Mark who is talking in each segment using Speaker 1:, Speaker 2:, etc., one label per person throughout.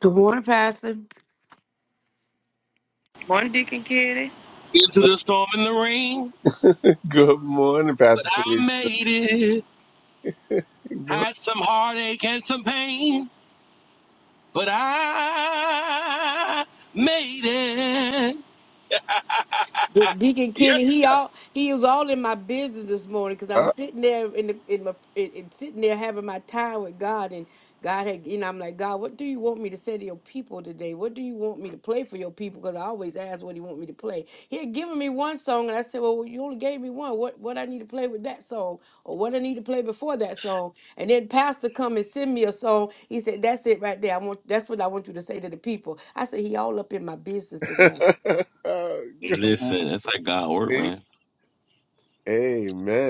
Speaker 1: Good morning, Pastor. Morning, Deacon Kitty.
Speaker 2: Into the storm and the rain,
Speaker 3: Good morning,
Speaker 2: but
Speaker 3: Pastor
Speaker 2: I
Speaker 3: Felicia.
Speaker 2: made it.
Speaker 3: What
Speaker 2: Had some heartache and some pain, but I made it.
Speaker 1: De- Deacon Kenny,
Speaker 2: Yes,
Speaker 1: he
Speaker 2: God.
Speaker 1: all he was all in my business this morning because I'm
Speaker 3: up?
Speaker 1: sitting there in the in my in, in- sitting there having my time with God and God had you know I'm like God, what do you want me to say to your people today? What do you want me to play for your people? Because I always ask what He want me to play. He had given me one song and I said, well, you only gave me one. What what I need to play with that song or what I need to play before that song? And then Pastor come and send me a song. He said, that's it right there. I want that's what I want you to say to the people. I said, he all up in my business this morning.
Speaker 3: Good
Speaker 2: Listen, that's how God work,
Speaker 3: morning.
Speaker 2: man.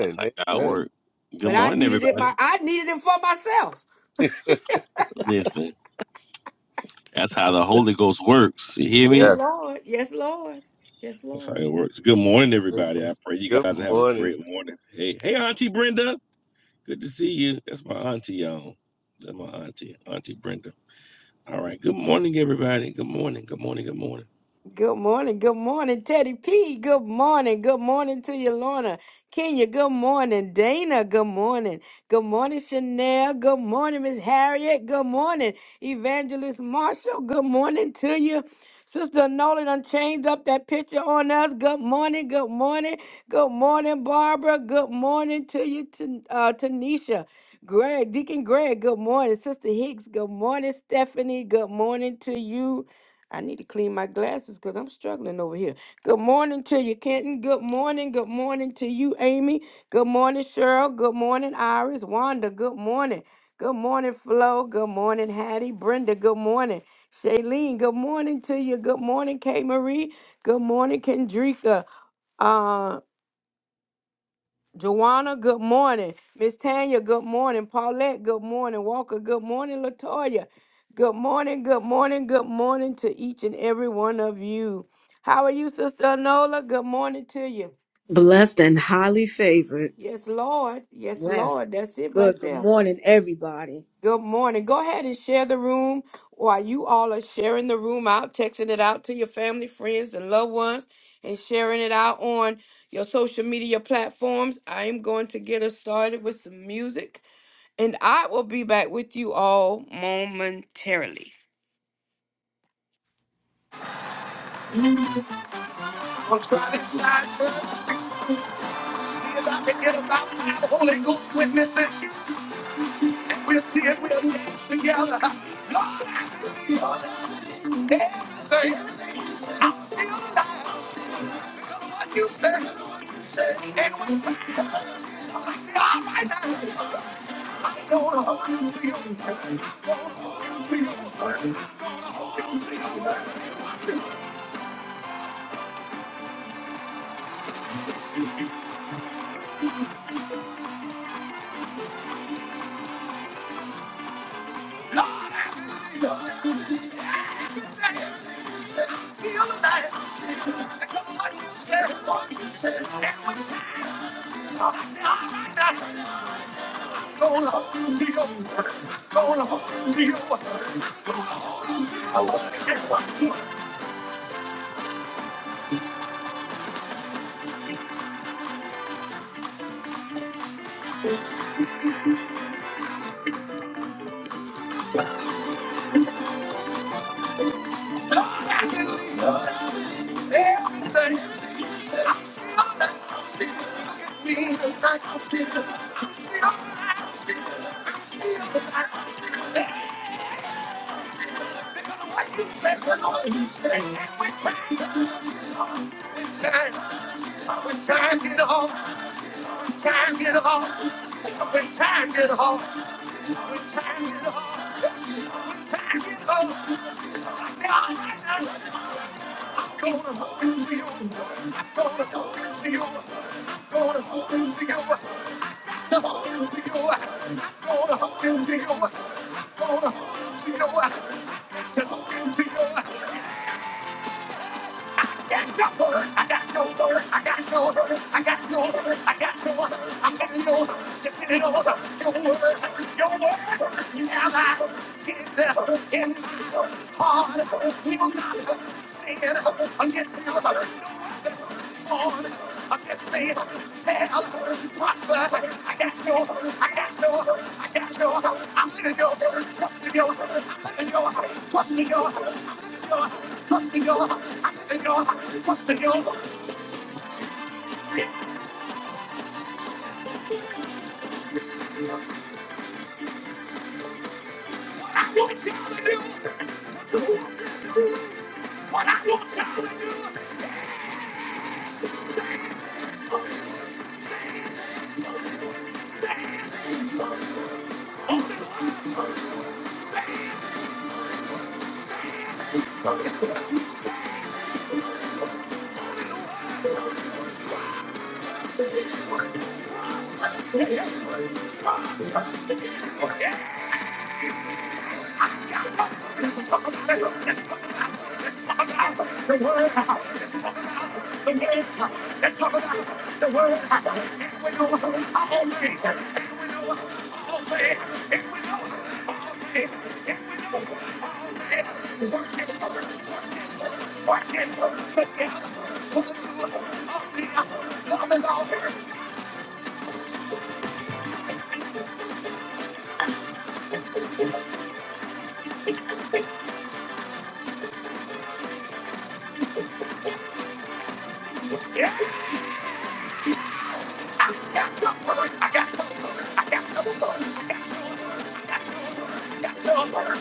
Speaker 2: That's how God
Speaker 3: Amen.
Speaker 2: work. Good
Speaker 1: But I
Speaker 2: morning,
Speaker 1: needed it
Speaker 2: everybody.
Speaker 1: my I needed it for myself.
Speaker 2: Listen, that's how the Holy Ghost works. You hear
Speaker 1: Yes,
Speaker 2: me?
Speaker 3: yes.
Speaker 1: Lord. Yes, Lord. Yes,
Speaker 2: That's how
Speaker 1: Lord.
Speaker 2: it works. Good morning, everybody.
Speaker 3: Amen.
Speaker 2: I pray you
Speaker 3: Good
Speaker 2: guys are having a
Speaker 3: morning.
Speaker 2: great morning. Hey, hey, Auntie Brenda. Good to see you. That's my auntie, y'all. That's my auntie, Auntie Brenda. All right. Good morning, everybody. Good morning. Good morning. Good morning.
Speaker 1: Good morning. Good morning, Teddy P. Good morning. Good morning to you, Lorna. Kenya, good morning. Dana, good morning. Good morning, Chanel. Good morning, Miss Harriet. Good morning, Evangelist Marshall. Good morning to you. Sister Nolan done changed up that picture on us. Good morning, good morning, good morning, Barbara. Good morning to you, Tan- uh, Tanisha. Greg, Deacon Greg, good morning. Sister Hicks, good morning. Stephanie, good morning to you. I need to clean my glasses because I'm struggling over here. Good morning to you, Kenton. Good morning. Good morning to you, Amy. Good morning, Cheryl. Good morning, Iris. Wanda, good morning. Good morning, Flo. Good morning, Hattie. Brenda, good morning. Shailene, good morning to you. Good morning, K. Marie. Good morning, Kendrika. Uh, Joanna, good morning. Miss Tanya, good morning. Paulette, good morning. Walker, good morning. Latoya, good morning, good morning, good morning to each and every one of you. How are you, Sister Anola? Good morning to you.
Speaker 4: Blessed and highly favored.
Speaker 1: Yes, Lord. Yes,
Speaker 4: Yes.
Speaker 1: Lord. That's it right
Speaker 4: Good. Good
Speaker 1: there.
Speaker 4: morning, everybody.
Speaker 1: Good morning. Go ahead and share the room while you all are sharing the room out, texting it out to your family, friends, and loved ones, and sharing it out on your social media platforms. I am going to get us started with some music, and I will be back with you all momentarily. I'm trying to slide first, see if I can get about five Holy Ghost witnesses, and we'll see if we'll dance together. Lord, I feel everything. I'm still alive. I'm Gonna hold you to you. your word. Gonna hold you to you. your word. Gonna hold you to your word. Everything is being the back of Jesus. I feel alive, Jesus, feel alive. What you say, we're going to say. And we time, we time, we time get on, time get on. When time get on, when time get on, when time get on. I'm gonna hold into you. I'm gonna hold into you. I'm gonna hold into you. I'm gonna hold you. I'm got got got I I I living your trust in your, trust me your, I'm living your, trust in your, Trust in your Trust in your Trust in your What I want you to do. What I want you to do. The word. The word. Let's talk about the word. And we know how always. Always. And we know what it is. But yeah, what to do. Oh, yeah. Love all here. Yeah. Yeah. The word. I got. I got the word. the word,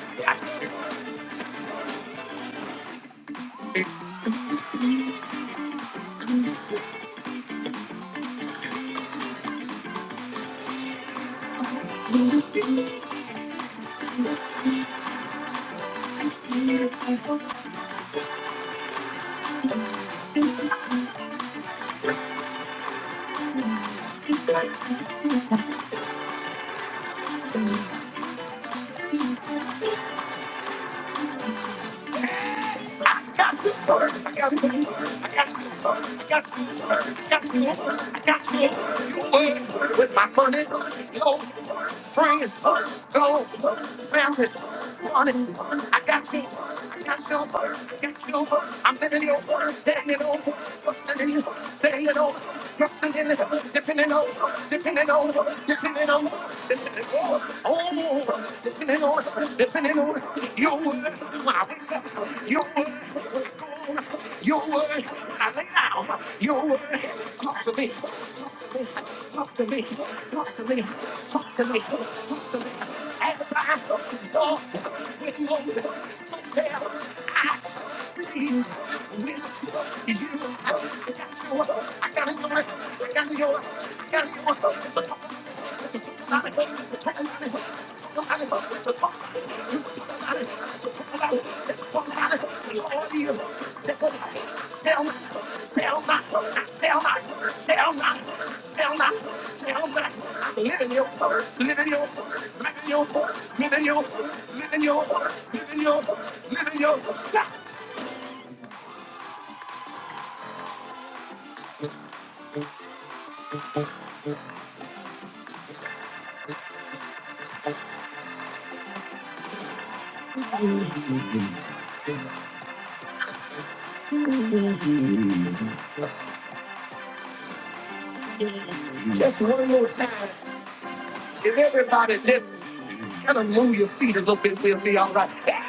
Speaker 1: With my money, go, friend, go, family, money. I got you, I got you, I got you. I'm living in over, staying in over, trusting in you, staying in over, trusting in you, dipping in over, dipping in over, dipping in over, dipping in over, oh, dipping in over, dipping in over. Your word, when I wake up, your word, your word, I lay down, your word, talk to me, me, Talk to me, talk to me, talk to me, talk to me. As I exhaust with Moses, so there I plead with you. I got you, I got you, I got you, I got you. Just one more time. If everybody just kind of move your feet a little bit, we'll be all right.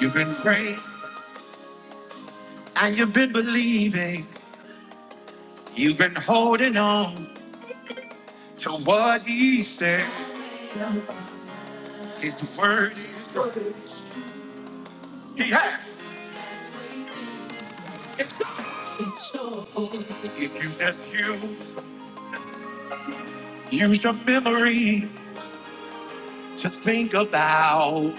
Speaker 1: You've been praying and you've been believing. You've been holding on to what he said. His word he has. If you just use, use your memory to think about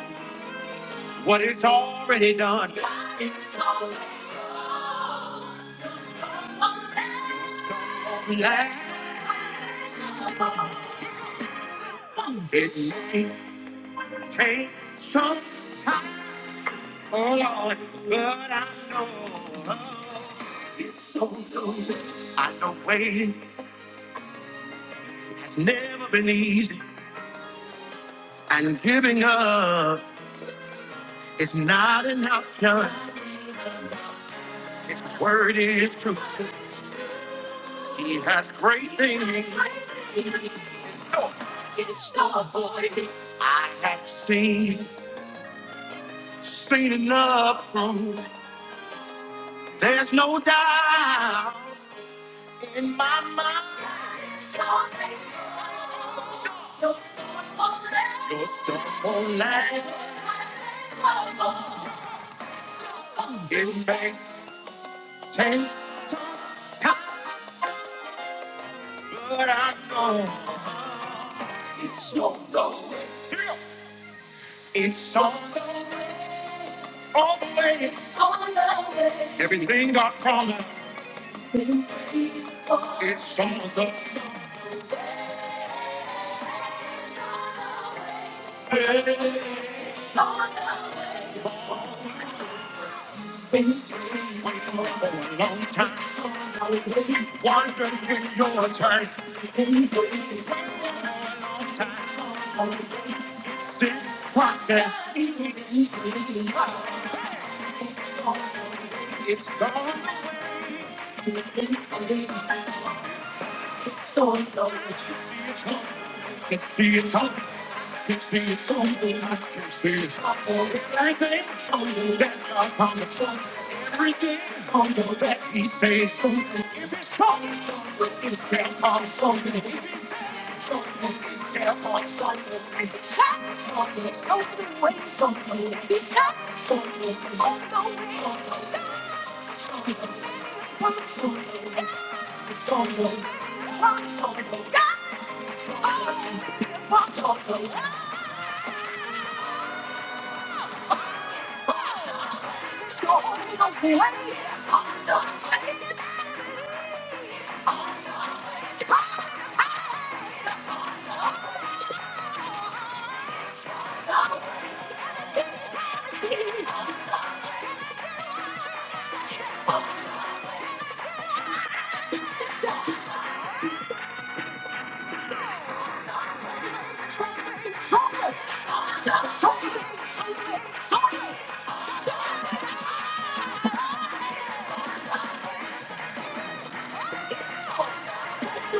Speaker 1: what it's already done. Relax. It may take some Oh Lord, but I know it's so close. I know waiting has never been easy, and giving up is not an option. His word is true. He has great things. in store. I have seen, seen enough proof. There's no doubt in my mind. Your double life is make change, but I know it's on the way. It's on the way, All the way. It's on the way. Everything God promised, it's on the way. It's on the way. Waiting for a long time, wondering when your turn. Time is process. It's gone. Can see it's on. Can see it's on. I can see it's on. Everything that God promised. Everything that He says. so. If it's on, it's their promise. If it's on, it's their promise. It's on. It's on. It's on. It's on. It's on. It's on. Sorry! Oh,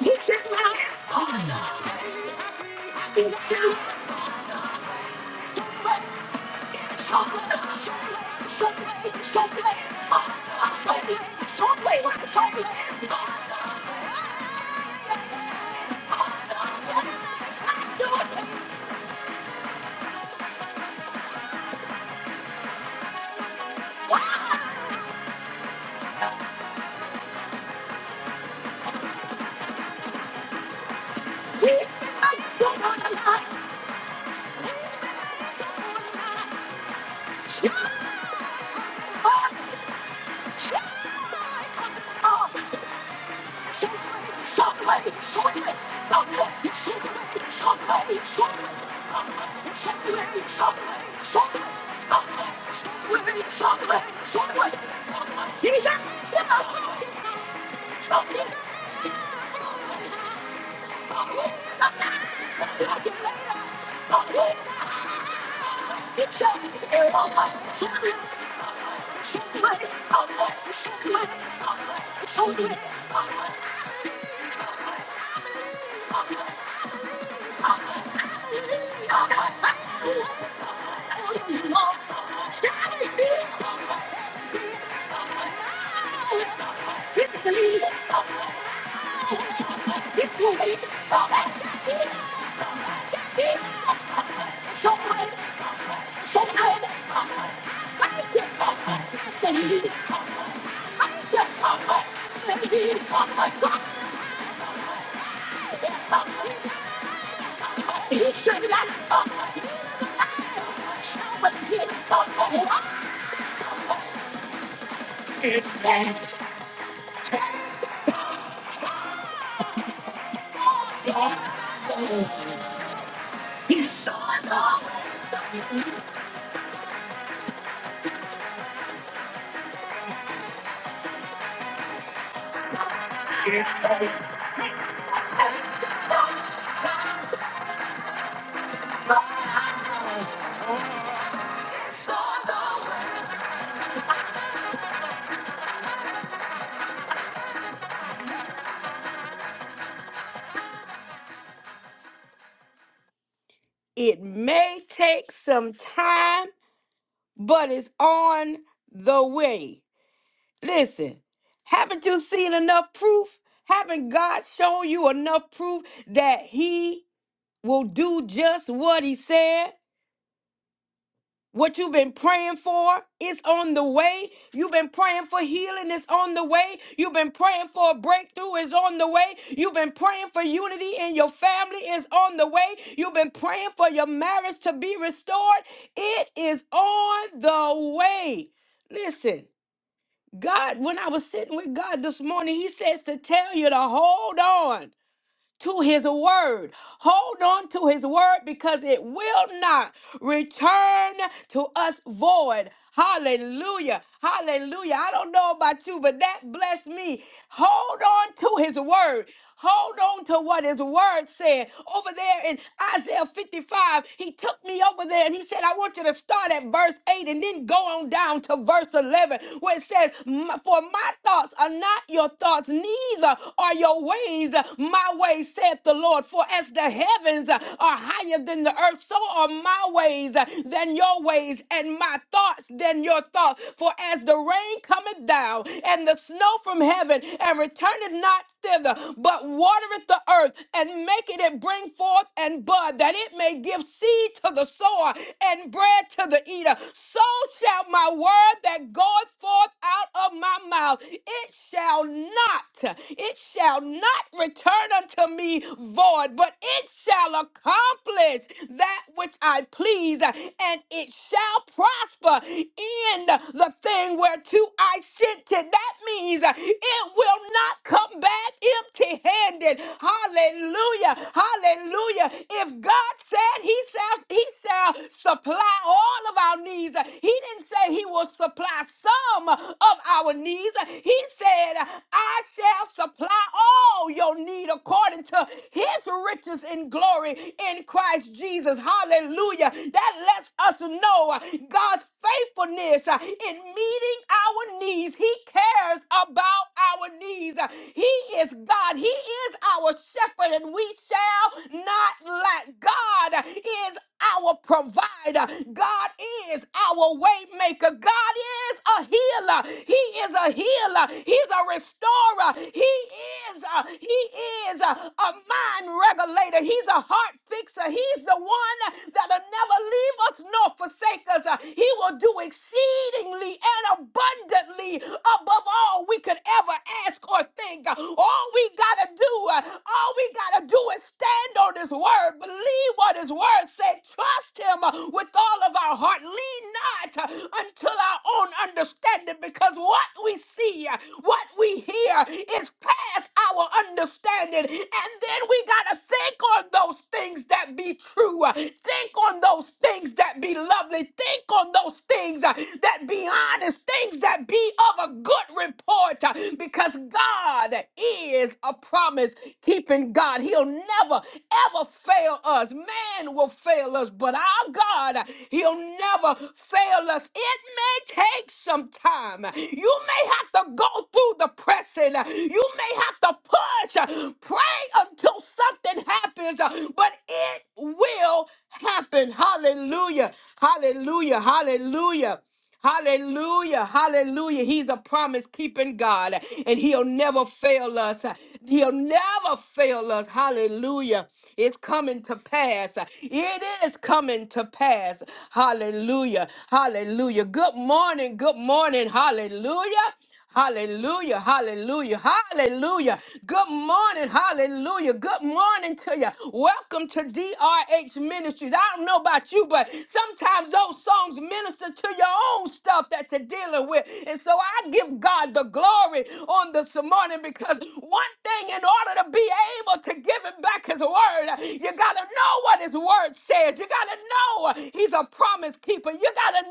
Speaker 1: peaches now! Oh, no. oh Chocolate, It may take some time, but it's on the way. Listen, haven't you seen enough proof? Haven't God shown you enough proof that He will do just what he said. What you've been praying for is on the way. You've been praying for healing, it's on the way. You've been praying for a breakthrough, is on the way. You've been praying for unity in your family, is on the way. You've been praying for your marriage to be restored, it is on the way. Listen, God, when I was sitting with God this morning, He says to tell you to hold on to his word. Hold on to his word because it will not return to us void. Hallelujah. Hallelujah. I don't know about you, but that blessed me. Hold on to his word. Hold on to what his word said. Over there in Isaiah 55, he took me over there and he said, I want you to start at verse 8 and then go on down to verse 11, where it says, "My- For my thoughts are not your thoughts, neither are your your ways, uh, my ways, saith the Lord. For as the heavens uh, are higher than the earth, so are my ways uh, than your ways, and my thoughts than your thoughts. For as the rain cometh down, and the snow from heaven, and returneth not thither, but watereth the earth, and maketh it bring forth and bud, that it may give seed to the sower and bread to the eater. So shall my word that goeth forth out of my mouth, it shall not, it shall not return unto me void, but it shall accomplish that which I please, and it shall prosper in the thing whereto I sent it. That means it will not come back empty handed. Hallelujah. Hallelujah. If God said he shall, he shall supply all of our needs, he didn't say he will supply some of our needs needs. He said, I shall supply all your need according to his riches in glory in Christ Jesus. Hallelujah. That lets us know God's faithfulness uh, in meeting our needs. He cares about our needs. Uh, He is God. He is our shepherd, and we shall not lack. God is our provider. God is our way maker. God is a healer. He is a healer. He's a restorer. He is a, he is a, a mind regulator. He's a heart fixer. He's the one that'll never leave us nor forsake us. Uh, He will do exceedingly and abundantly above all we could ever ask or think. Uh, All we gotta do, uh, all we gotta do is stand on his word, believe what his word said, trust him uh, with all of our heart. Lean not uh, until our own understanding because what we see, what we hear is past our understanding. And then we got to think on those things that be true. Think on those things that be lovely. Think on those things uh, that be honest. Things that be of a good report uh, because God is a promise keeping God. He'll never, ever fail us. Man will fail us, but our God, uh, He'll He'll never fail us. It may take some time. You may have to go through the pressing. You may have to push, pray until something happens, but it will happen. Hallelujah. Hallelujah. Hallelujah. Hallelujah. Hallelujah. He's a promise keeping God and he'll never fail us. He'll never fail us. Hallelujah. It's coming to pass. It is coming to pass. Hallelujah. Hallelujah. Good morning. Good morning. Hallelujah. Hallelujah, hallelujah, hallelujah. Good morning, hallelujah. Good morning to you. Welcome to DRH Ministries. I don't know about you, but sometimes those songs minister to your own stuff that you're dealing with. And so I give God the glory on this morning because one thing, in order to be able to give Him back His word, you got to know what His word says. You got to know He's a promise keeper. You got to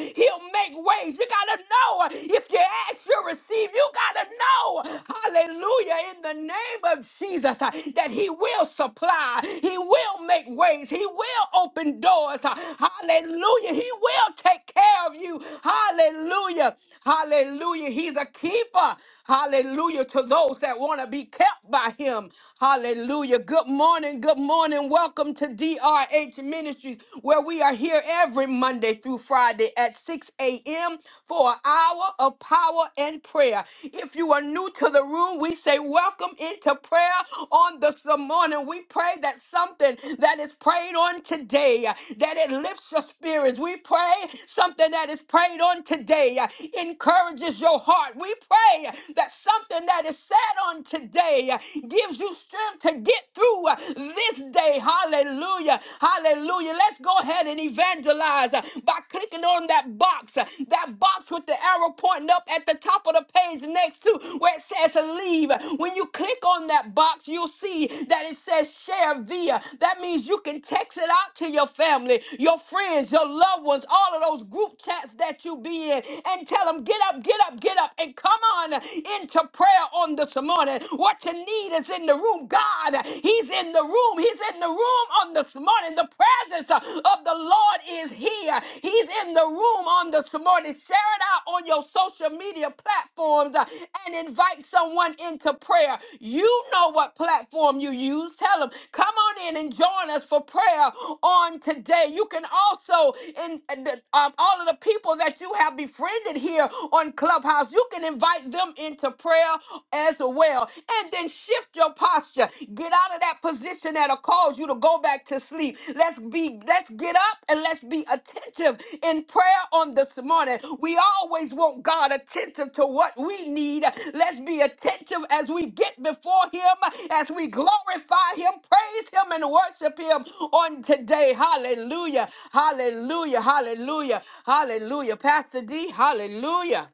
Speaker 1: know He'll will make ways. You got to know if you ask, you will receive. You got to know, hallelujah, in the name of Jesus, uh, that He will supply. He will make ways. He will open doors. uh, Hallelujah. He will take care of you. Hallelujah. Hallelujah. He's a keeper. Hallelujah to those that want to be kept by him. Hallelujah. Good morning. Good morning. Welcome to DRH Ministries, where we are here every Monday through Friday at 6 a.m. for an hour of power and prayer. If you are new to the room, we say welcome into prayer on this morning. We pray that something that is prayed on today, that it lifts your spirits. We pray something that is prayed on today, encourages your heart. We pray pray that something that is said on today gives you strength to get through this day. Hallelujah. Hallelujah. Let's go ahead and evangelize by clicking on that box, that box with the arrow pointing up at the top of the page next to where it says leave. When you click on that box, you'll see that it says share via. That means you can text it out to your family, your friends, your loved ones, all of those group chats that you be in, and tell them, get up, get up, get up, and and come on into prayer on this morning. What you need is in the room. God, He's in the room. He's in the room on this morning. The presence of the Lord is here. He's in the room on this morning. Share it out on your social media platforms uh, and invite someone into prayer. You know what platform you use. Tell them, come on in and join us for prayer on today. You can also, in uh, the- um, all of the people that you have befriended here on Clubhouse house. You can invite them into prayer as well. And then shift your posture. Get out of that position that'll cause you to go back to sleep. Let's be, let's get up and let's be attentive in prayer on this morning. We always want God attentive to what we need. Let's be attentive as we get before Him, as we glorify Him, praise Him, and worship Him on today. Hallelujah. Hallelujah. Hallelujah. Hallelujah. Pastor D, hallelujah.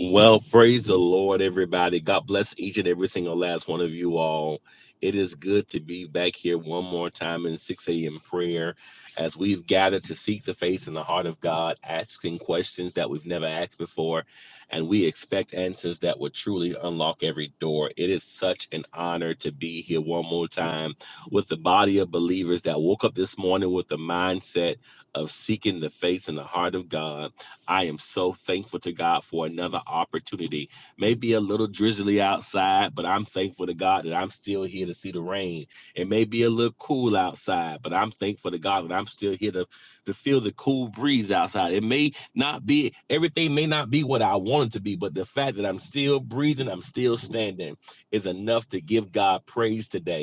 Speaker 2: Well, praise the Lord, everybody. God bless each and every single last one of you all. It is good to be back here one more time in 6 a.m. prayer as we've gathered to seek the face and the heart of God, asking questions that we've never asked before. And we expect answers that will truly unlock every door. It is such an honor to be here one more time with the body of believers that woke up this morning with the mindset of seeking the face and the heart of God I am so thankful to God for another opportunity. Maybe a little drizzly outside, but I'm thankful to God that I'm still here to see the rain. It may be a little cool outside, but I'm thankful to God that I'm still here to, to feel the cool breeze outside. It may not be, everything may not be what I want it to be, but the fact that I'm still breathing, I'm still standing is enough to give God praise today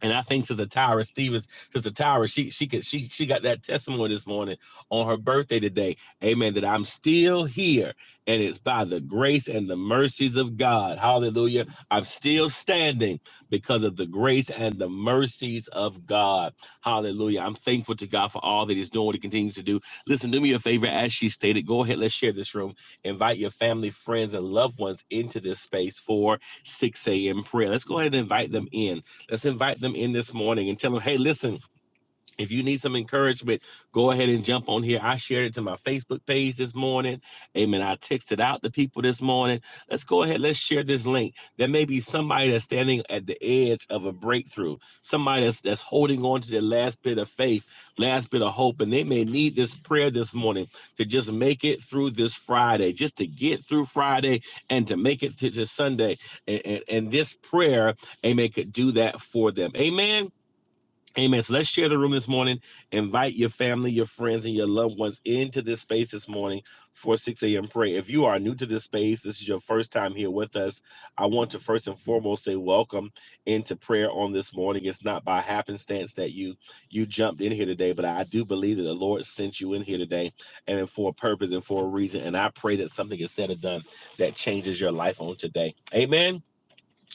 Speaker 2: and I think Sister Tyra Stevens, Sister Tyra, she she could she she got that testimony this morning on her birthday today. Amen. That I'm still here, and it's by the grace and the mercies of God. Hallelujah. I'm still standing because of the grace and the mercies of God. Hallelujah. I'm thankful to God for all that He's doing, what He continues to do. Listen, do me a favor, as she stated. Go ahead, let's share this room. Invite your family, friends, and loved ones into this space for 6 a.m. prayer. Let's go ahead and invite them in. Let's invite them in this morning and tell them, hey, listen, if you need some encouragement, go ahead and jump on here. I shared it to my Facebook page this morning. Amen. I texted out to people this morning. Let's go ahead. Let's share this link. There may be somebody that's standing at the edge of a breakthrough, somebody that's, that's holding on to their last bit of faith, last bit of hope, and they may need this prayer this morning to just make it through this Friday, just to get through Friday and to make it to, to Sunday. And, and, and this prayer, amen, could do that for them. Amen. Amen. So let's share the room this morning. Invite your family, your friends, and your loved ones into this space this morning for 6 a.m. prayer. If you are new to this space, this is your first time here with us. I want to first and foremost say welcome into prayer on this morning. It's not by happenstance that you you jumped in here today, but I do believe that the Lord sent you in here today and for a purpose and for a reason. And I pray that something is said or done that changes your life on today. Amen.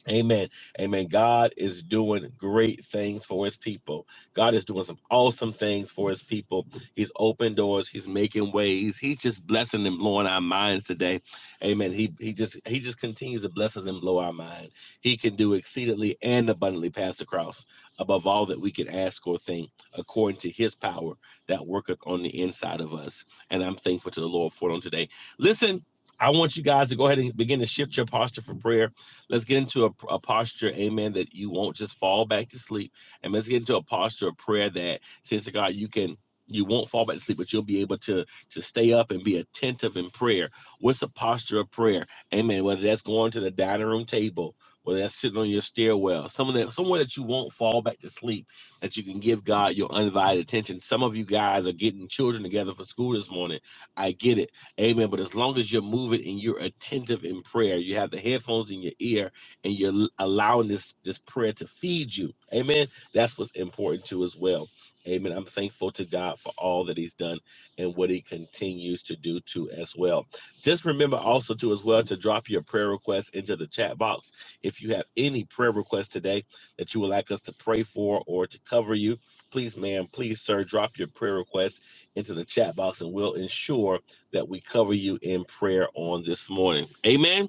Speaker 2: Amen. Amen. God is doing great things for his people. God is doing some awesome things for his people. He's opened doors. He's making ways. He's just blessing and blowing our minds today. Amen. He he just he just continues to bless us and blow our mind. He can do exceedingly and abundantly past the cross, above all that we can ask or think, according to his power that worketh on the inside of us. And I'm thankful to the Lord for it on today. Listen, I want you guys to go ahead and begin to shift your posture for prayer Let's get into a, a posture, amen, that you won't just fall back to sleep. And let's get into a posture of prayer that says to God, you can you won't fall back to sleep, but you'll be able to to stay up and be attentive in prayer. What's the posture of prayer? Amen. Whether that's going to the dining room table, whether that's sitting on your stairwell, someone that somewhere that you won't fall back to sleep, that you can give God your undivided attention. Some of you guys are getting children together for school this morning. I get it Amen. But as long as you're moving and you're attentive in prayer, you have the headphones in your ear and you're allowing this this prayer to feed you. Amen. That's what's important too as well. Amen. I'm thankful to God for all that He's done and what He continues to do too as well. Just remember also too as well to drop your prayer requests into the chat box. If you have any prayer requests today that you would like us to pray for or to cover you, please, ma'am, please, sir, drop your prayer requests into the chat box and we'll ensure that we cover you in prayer on this morning. Amen.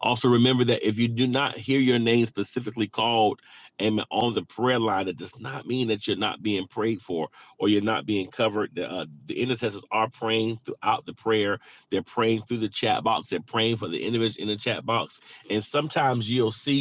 Speaker 2: Also, remember that if you do not hear your name specifically called, amen, on the prayer line, it does not mean that you're not being prayed for or you're not being covered. The, uh, the intercessors are praying throughout the prayer. They're praying through the chat box. They're praying for the individual in the chat box. And sometimes you'll see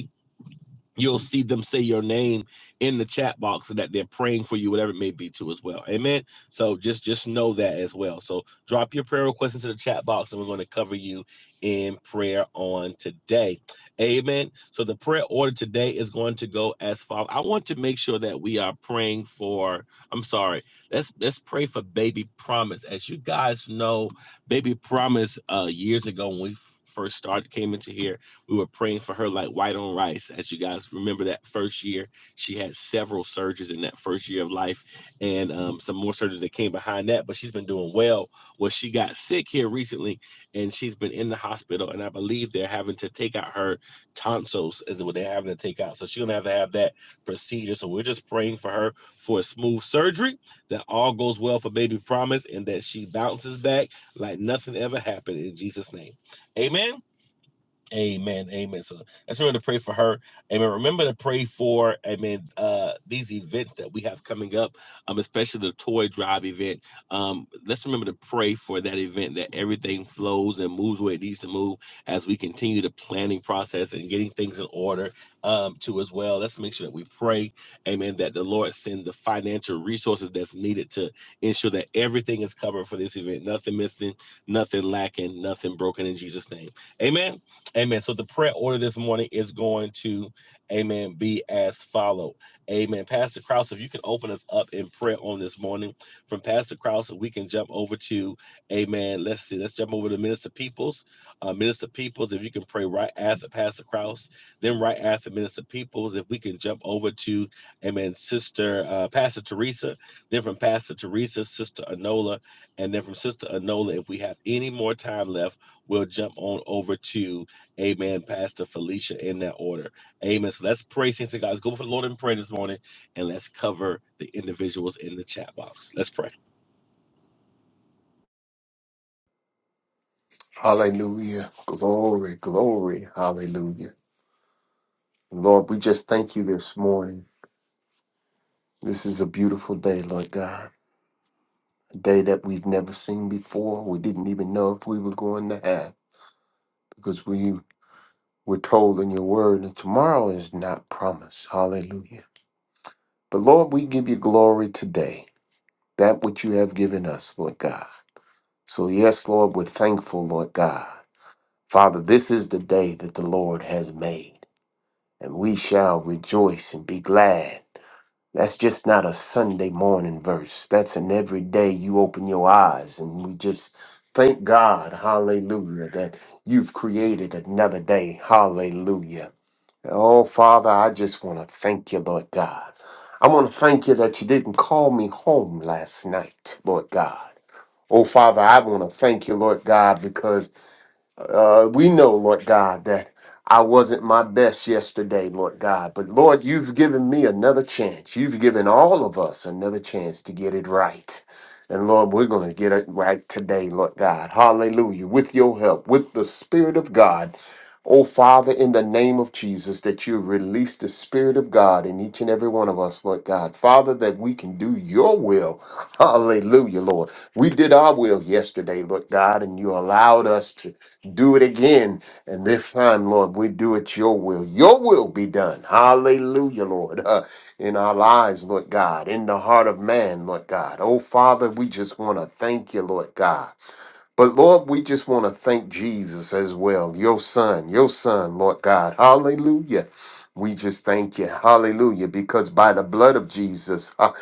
Speaker 2: You'll see them say your name in the chat box and that they're praying for you, whatever it may be, too, as well. Amen. So just just know that as well. So drop your prayer request into the chat box, and we're going to cover you in prayer on today. Amen. So the prayer order today is going to go as follows. I want to make sure that we are praying for. I'm sorry. Let's let's pray for Baby Promise. As you guys know, Baby Promise uh, years ago when we first started came into here we were praying for her like white on rice. As you guys remember that first year, she had several surgeries in that first year of life and um, some more surgeries that came behind that, but she's been doing well. Well, she got sick here recently and she's been in the hospital. And I believe they're having to take out her tonsils, is what they're having to take out. So she's going to have to have that procedure. So we're just praying for her for a smooth surgery, that all goes well for baby promise, and that she bounces back like nothing ever happened in Jesus' name. Amen. Amen. Amen. So let's remember to pray for her. Amen. Remember to pray for, amen, uh, these events that we have coming up, um, especially the toy drive event. Um, let's remember to pray for that event that everything flows and moves where it needs to move as we continue the planning process and getting things in order um too as well. Let's make sure that we pray, amen, that the Lord send the financial resources that's needed to ensure that everything is covered for this event. Nothing missing, nothing lacking, nothing broken in Jesus' name. Amen. Amen. So the prayer order this morning is going to, amen, be as follow. Amen. Pastor Krause, if you can open us up in prayer on this morning from Pastor Krause, we can jump over to, amen. Let's see, let's jump over to Minister Peoples. Uh, Minister Peoples, if you can pray right after Pastor Krause, then right after Minister Peoples, if we can jump over to, amen, Sister uh, Pastor Teresa, then from Pastor Teresa, Sister Anola, and then from Sister Anola, if we have any more time left, we'll jump on over to Amen. Pastor Felicia in that order. Amen. So let's pray, saints of God. Let's go before the Lord in prayer this morning and let's cover the individuals in the chat box. Let's pray.
Speaker 5: Hallelujah. Glory, glory. Hallelujah. Lord, we just thank you this morning. This is a beautiful day, Lord God. A day that we've never seen before. We didn't even know if we were going to have because we were told in your word that tomorrow is not promised. Hallelujah. But Lord, we give you glory today, that which you have given us, Lord God. So, yes, Lord, we're thankful, Lord God. Father, this is the day that the Lord has made. and we shall rejoice and be glad. That's just not a Sunday morning verse. That's an everyday you open your eyes and we just thank God, hallelujah, that you've created another day, hallelujah. Oh, Father, I just want to thank you, Lord God. I want to thank you that you didn't call me home last night, Lord God. Oh, Father, I want to thank you, Lord God, because uh, we know, Lord God, that I wasn't my best yesterday, Lord God. But Lord, you've given me another chance. You've given all of us another chance to get it right. And Lord, we're going to get it right today, Lord God. Hallelujah. With your help, with the Spirit of God. Oh, Father, in the name of Jesus, that you release the Spirit of God in each and every one of us, Lord God. Father, that we can do your will. Hallelujah, Lord. We did our will yesterday, Lord God, and you allowed us to do it again. And this time, Lord, we do it your will. Your will be done. Hallelujah, Lord. Uh, in our lives, Lord God, in the heart of man, Lord God. Oh, Father, we just want to thank you, Lord God. But Lord, we just want to thank Jesus as well, your son, your son, Lord God. Hallelujah. We just thank you. Hallelujah. Because by the blood of Jesus, uh,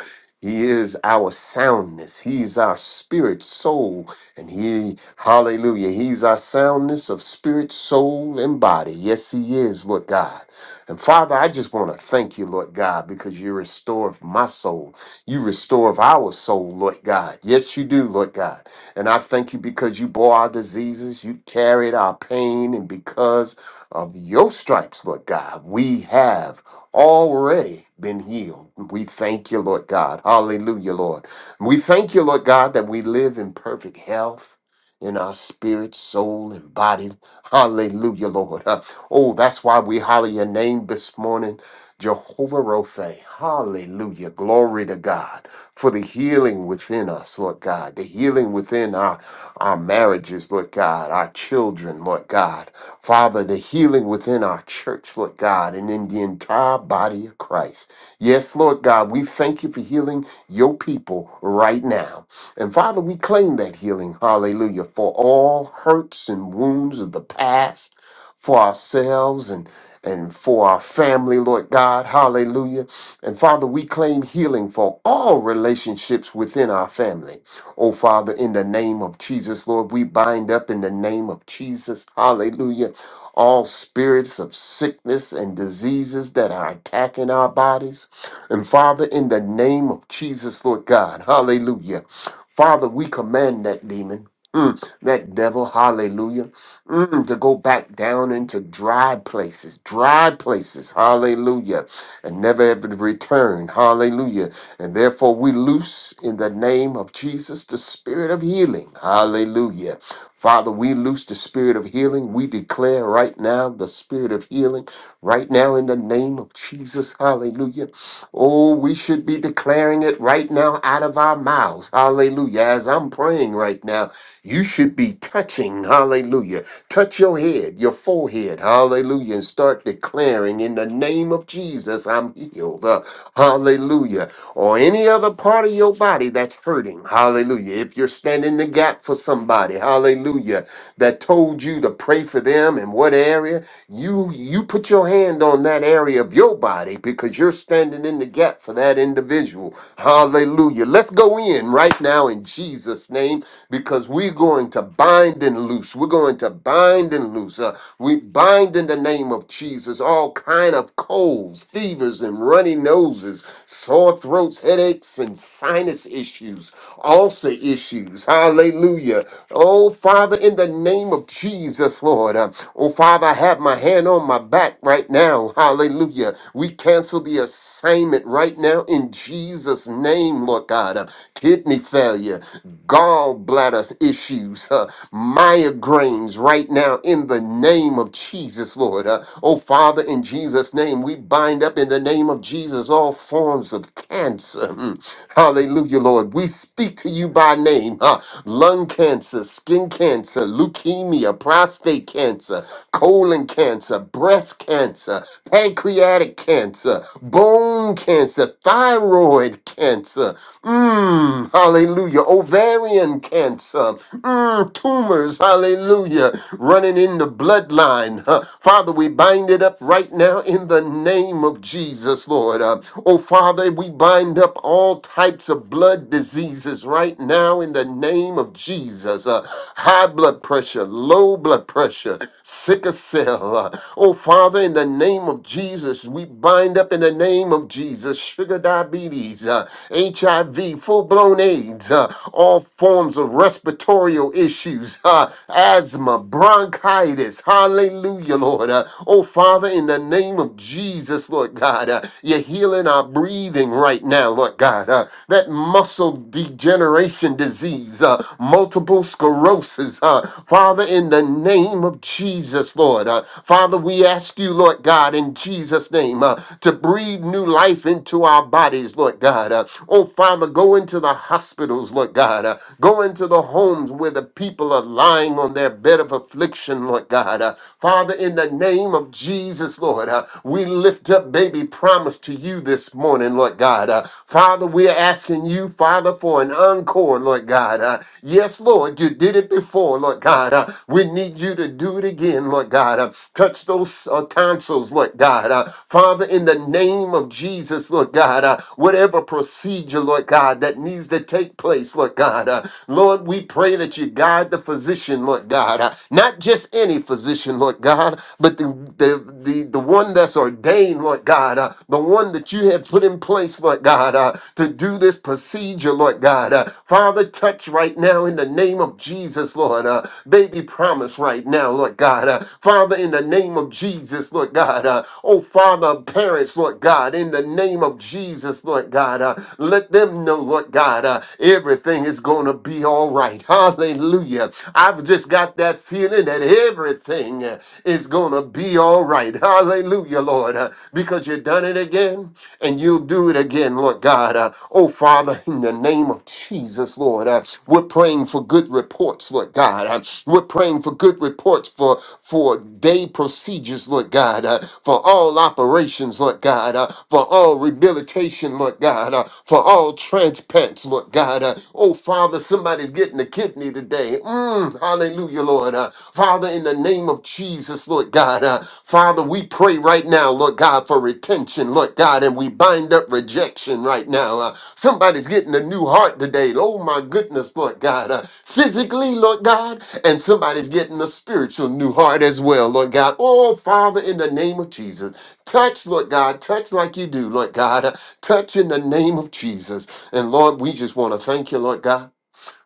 Speaker 5: he is our soundness. He's our spirit, soul, and he, hallelujah, he's our soundness of spirit, soul, and body. Yes, he is, Lord God. And Father, I just want to thank you, Lord God, because you restore my soul. You restore our soul, Lord God. Yes, you do, Lord God. And I thank you because you bore our diseases, you carried our pain, and because of your stripes, Lord God, we have already been healed. We thank you, Lord God. Hallelujah, Lord. We thank you, Lord God, that we live in perfect health. In our spirit, soul, and body. Hallelujah, Lord. Uh, Oh, that's why we holler your name this morning, Jehovah Rophe. Hallelujah. Glory to God for the healing within us, Lord God, the healing within our, our marriages, Lord God, our children, Lord God. Father, the healing within our church, Lord God, and in the entire body of Christ. Yes, Lord God, we thank you for healing your people right now. And Father, we claim that healing, hallelujah, for all hurts and wounds of the past, for ourselves and and for our family, Lord God, hallelujah. And Father, we claim healing for all relationships within our family. Oh, Father, in the name of Jesus, Lord, we bind up in the name of Jesus, hallelujah all spirits of sickness and diseases that are attacking our bodies. And Father, in the name of Jesus, Lord God, hallelujah. Father, we command that demon, mm, that devil, hallelujah. Mm, to go back down into dry places, dry places, hallelujah, and never ever return, hallelujah. And therefore, we loose in the name of Jesus the spirit of healing, hallelujah. Father, we loose the spirit of healing. We declare right now the spirit of healing, right now in the name of Jesus, hallelujah. Oh, we should be declaring it right now out of our mouths, hallelujah. As I'm praying right now, you should be touching, hallelujah. Touch your head, your forehead, hallelujah, and start declaring in the name of Jesus, I'm healed. Uh, hallelujah or any other part of your body that's hurting. Hallelujah. If you're standing in the gap for somebody, hallelujah, that told you to pray for them in what area, you you put your hand on that area of your body because you're standing in the gap for that individual. Hallelujah. Let's go in right now in Jesus name because we're going to bind and loose. We're going to bind and loose. Uh, we bind in the name of Jesus all kind of colds, fevers and runniness noses, sore throats, headaches, and sinus issues, ulcer issues. Hallelujah. Oh, Father, in the name of Jesus, Lord. uh, Oh, Father, I have my hand on my back right now. Hallelujah. We cancel the assignment right now in Jesus' name, Lord God. Uh, Kidney failure, gallbladder issues, uh, migraines right now in the name of Jesus, Lord. Uh, Oh, Father, in Jesus' name, we bind up in the name of Jesus all forms of cancer. Mm. Hallelujah, Lord. We speak to you by name huh? lung cancer, skin cancer, leukemia, prostate cancer, colon cancer, breast cancer, pancreatic cancer, bone cancer, thyroid cancer. Mm, hallelujah. Ovarian cancer. Mm, tumors. Hallelujah. Running in the bloodline. huh? Father, we bind it up it up right now in the name of Jesus, Lord. Uh, oh, Father, we bind up all types of blood diseases right now in the name of Jesus. Uh, high blood pressure, low blood pressure, sickle cell. Uh, oh, Father, in the name of Jesus, we bind up in the name of Jesus sugar diabetes, uh, HIV, full blown AIDS, uh, all forms of respiratory issues, uh, asthma, bronchitis. Hallelujah. Hallelujah, Lord. Uh, Oh, Father, in the name of Jesus, Lord God, uh, you're healing our breathing right now, Lord God. Uh, That muscle degeneration disease, uh, multiple sclerosis, uh, Father, in the name of Jesus, Lord. Uh, Father, we ask you, Lord God, in Jesus' name, uh, to breathe new life into our bodies, Lord God. Uh, Oh, Father, go into the hospitals, Lord God. Uh, Go into the homes where the people are lying on their bed of affliction affliction, Lord God. Uh, Father, in the name of Jesus, Lord, uh, we lift up baby promise to you this morning, Lord God. Uh, Father, we're asking you, Father, for an encore, Lord God. Uh, yes, Lord, you did it before, Lord God. Uh, we need you to do it again, Lord God. Uh, touch those uh, tonsils, Lord God. Uh, Father, in the name of Jesus, Lord God, uh, whatever procedure, Lord God, that needs to take place, Lord God. uh, Lord, we pray that you guide the physician physician, Lord God, uh, not just any physician, Lord God, but the, the, the, the one that's ordained, Lord God, uh, the one that you have put in place, Lord God, uh, to do this procedure, Lord God. Uh, Father, touch right now in the name of Jesus, Lord. Uh, baby, promise right now, Lord God. Uh, Father, in the name of Jesus, Lord God. Uh, oh, Father, parents, Lord God, in the name of Jesus, Lord God. Uh, let them know, Lord God, uh, everything is going to be all right right. Hallelujah. I've just got that feeling that everything uh, is going to be all right. Hallelujah, Lord. uh, Because you've done it again and you'll do it again, Lord God. Uh, Oh, Father, in the name of Jesus, Lord, uh, we're praying for good reports, Lord God. Uh, We're praying for good reports for, for day procedures, Lord God, uh, for all operations, Lord God, uh, for all rehabilitation, Lord God, uh, for all transplants, Lord God. uh, uh, oh, Father, somebody's getting a kidney today. Mm, hallelujah, Lord. Uh, Father, in the name of Jesus, Lord God. Uh, Father, we pray right now, Lord God, for retention, Lord God, and we bind up rejection right now. Uh, somebody's getting a new heart today. Oh, my goodness, Lord God. Uh, physically, Lord God, and somebody's getting a spiritual new heart as well, Lord God. Oh, Father, in the name of Jesus, touch, Lord God, touch like you do, Lord God. Uh, touch in the name of Jesus. And Lord, we just want to thank you, Lord God.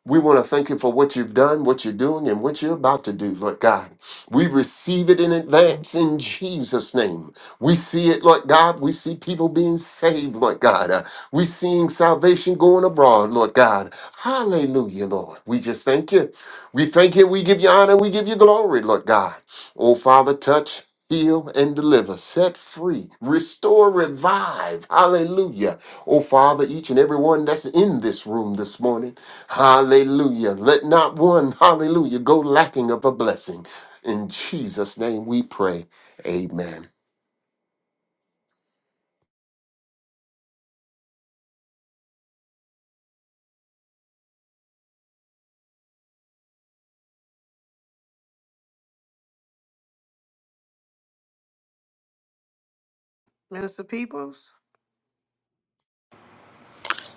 Speaker 5: We want to thank you for what you've done, what you're doing, and what you're about to do, Lord God. We receive it in advance in Jesus' name. We see it, Lord God. We see people being saved, Lord God. Uh, we seeing salvation going abroad, Lord God. Hallelujah, Lord. We just thank you. We thank you. We give you honor. We give you glory, Lord God. Oh, Father, touch. Heal and deliver, set free, restore, revive. Hallelujah. Oh, Father, each and every one that's in this room this morning. Hallelujah. Let not one, hallelujah, go lacking of a blessing. In Jesus' name we pray. Amen.
Speaker 1: Mr. Peoples?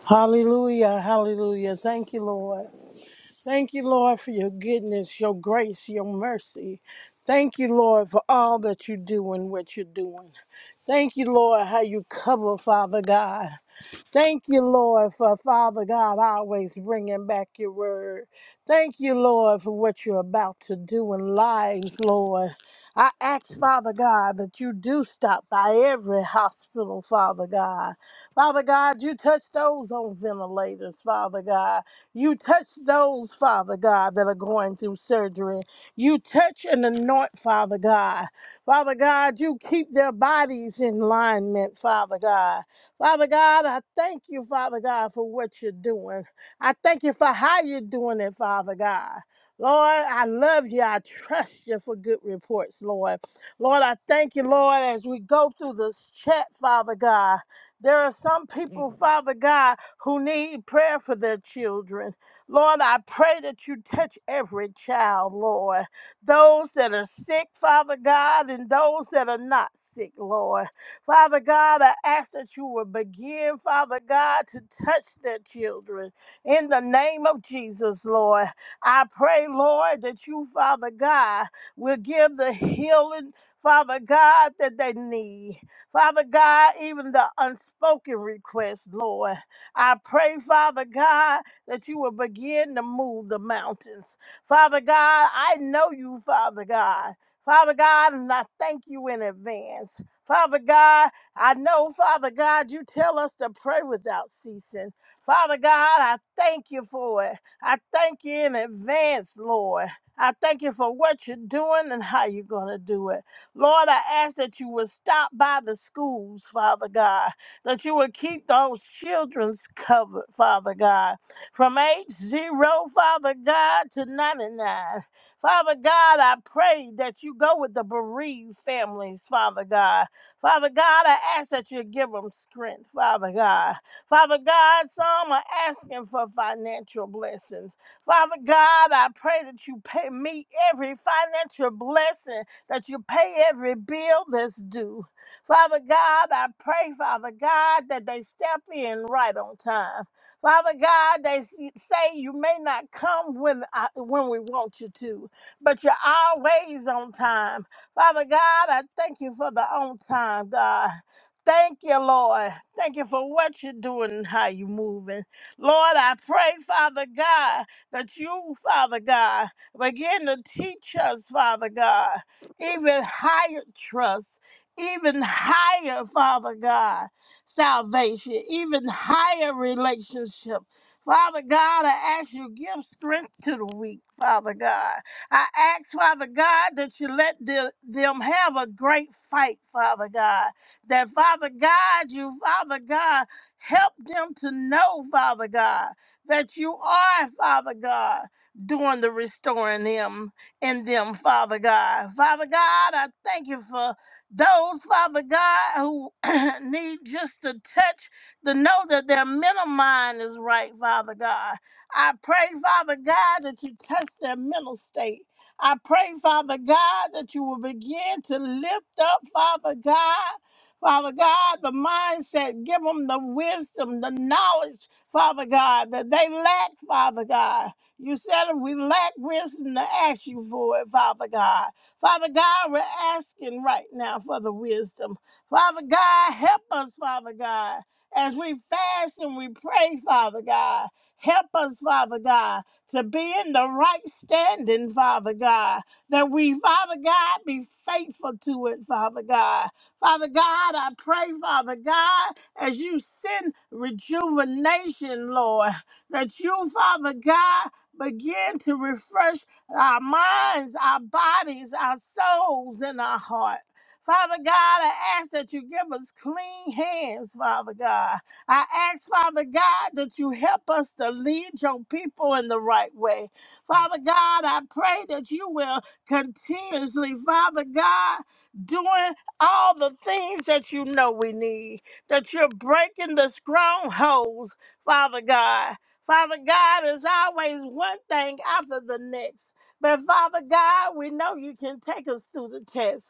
Speaker 6: Hallelujah, hallelujah. Thank you, Lord. Thank you, Lord, for your goodness, your grace, your mercy. Thank you, Lord, for all that you do and what you're doing. Thank you, Lord, how you cover, Father God. Thank you, Lord, for Father God always bringing back your word. Thank you, Lord, for what you're about to do in lives, Lord. I ask, Father God, that you do stop by every hospital, Father God. Father God, you touch those on ventilators, Father God. You touch those, Father God, that are going through surgery. You touch and anoint, Father God. Father God, you keep their bodies in alignment, Father God. Father God, I thank you, Father God, for what you're doing. I thank you for how you're doing it, Father God. Lord, I love you. I trust you for good reports, Lord. Lord, I thank you, Lord, as we go through this chat, Father God. There are some people, Mhm. Father God, who need prayer for their children. Lord, I pray that you touch every child, Lord. Those that are sick, Father God, and those that are not sick, Lord. Father God, I ask that you will begin, Father God, to touch their children in the name of Jesus, Lord. I pray, Lord, that you, Father God, will give the healing, Father God, that they need. Father God, even the unspoken request, Lord. I pray, Father God, that you will begin to move the mountains. Father God, I know you, Father God. Father God, and I thank you in advance. Father God, I know, Father God, you tell us to pray without ceasing. Father God, I thank you for it. I thank you in advance, Lord. I thank you for what you're doing and how you're going to do it. Lord, I ask that you would stop by the schools, Father God, that you would keep those children's covered, Father God, from age zero, Father God, to 99. Father God, I pray that you go with the bereaved families, Father God. Father God, I ask that you give them strength, Father God. Father God, some are asking for financial blessings. Father God, I pray that you pay me every financial blessing, that you pay every bill that's due. Father God, I pray, Father God, that they step in right on time. Father God, they s- say you may not come when I, when we want you to, but you're always on time. Father God, I thank you for the on time, God. Thank you, Lord. Thank you for what you're doing and how you're moving. Lord, I pray, Father God, that you, Father God, begin to teach us, Father God, even higher trust, even higher, Father God, salvation, even higher relationship. Father God, I ask you give strength to the weak, Father God. I ask, Father God, that you let the- them have a great fight, Father God. That, Father God, you, Father God, help them to know, Father God, that you are, Father God, doing the restoring them in them, Father God. Father God, I thank you for those, Father God, who need just to touch to know that their mental mind is right, Father God I pray, Father God, that you touch their mental state. I pray, Father God, that you will begin to lift up, Father God. Father God, the mindset, give them the wisdom, the knowledge, Father God, that they lack, Father God. You said if we lack wisdom to ask you for it, Father God. Father God, we're asking right now for the wisdom. Father God, help us, Father God, as we fast and we pray, Father God. Help us, Father God, to be in the right standing, Father God, that we, Father God, be faithful to it, Father God. Father God, I pray, Father God, as you send rejuvenation, Lord, that you, Father God, begin to refresh our minds, our bodies, our souls, and our heart. Father God, I ask that you give us clean hands, Father God. I ask, Father God, that you help us to lead your people in the right way. Father God, I pray that you will continuously, Father God, doing all the things that you know we need, that you're breaking the strongholds, Father God. Father God, it's always one thing after the next. But Father God, we know you can take us through the test.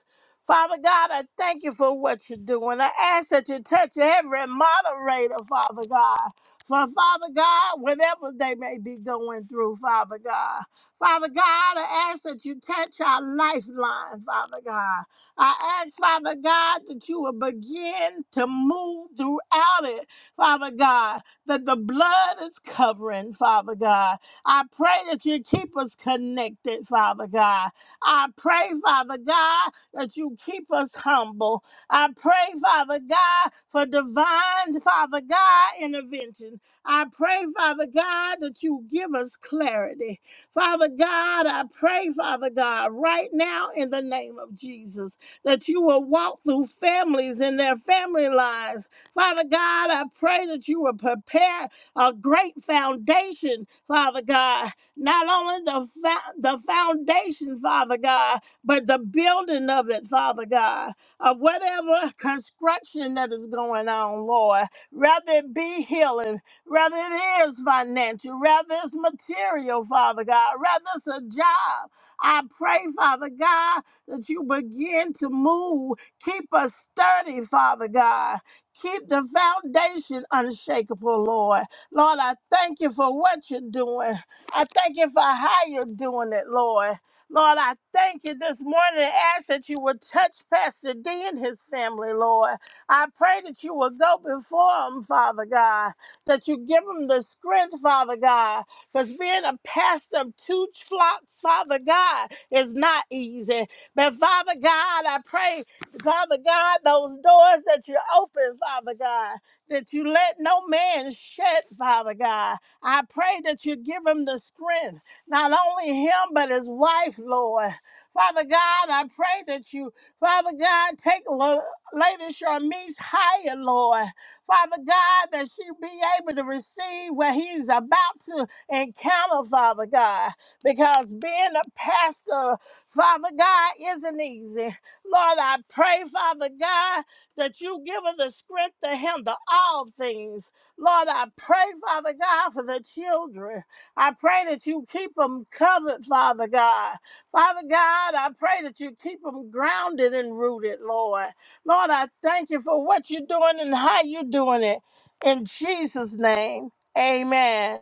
Speaker 6: Father God, I thank you for what you're doing. I ask that you touch every moderator, Father God. For Father God, whatever they may be going through, Father God. Father God, I ask that you touch our lifeline, Father God. I ask, Father God, that you will begin to move throughout it, Father God, that the blood is covering, Father God. I pray that you keep us connected, Father God. I pray, Father God, that you keep us humble. I pray, Father God, for divine, Father God, intervention. I pray, Father God, that you give us clarity. Father God, I pray, Father God, right now in the name of Jesus, that you will walk through families and their family lives. Father God, I pray that you will prepare a great foundation, Father God. Not only the, fa- the foundation, Father God, but the building of it, Father God, of whatever construction that is going on, Lord, rather it be healing, rather it is financial, rather it's material, Father God, rather it's a job. I pray, Father God, that you begin to move. Keep us sturdy, Father God. Keep the foundation unshakable, Lord. Lord, I thank you for what you're doing. I thank you for how you're doing it, Lord. Lord, I thank you this morning and ask that you would touch Pastor D and his family, Lord. I pray that you will go before him, Father God, that you give him the strength, Father God, because being a pastor of two flocks, Father God, is not easy. But Father God, I pray, Father God, those doors that you open, Father God, that you let no man shut, Father God. I pray that you give him the strength not only him, but his wife, Lord. Father God, I pray that you, Father God, take Lo- Lady Sharmise higher, Lord. Father God, that she be able to receive what he's about to encounter, Father God, because being a pastor, Father God, isn't easy. Lord, I pray, Father God, that you give her the strength to handle all things. Lord, I pray, Father God, for the children. I pray that you keep them covered, Father God. Father God, I pray that you keep them grounded and rooted, Lord. Lord, I thank you for what you're doing and how you're doing it. In Jesus' name, amen.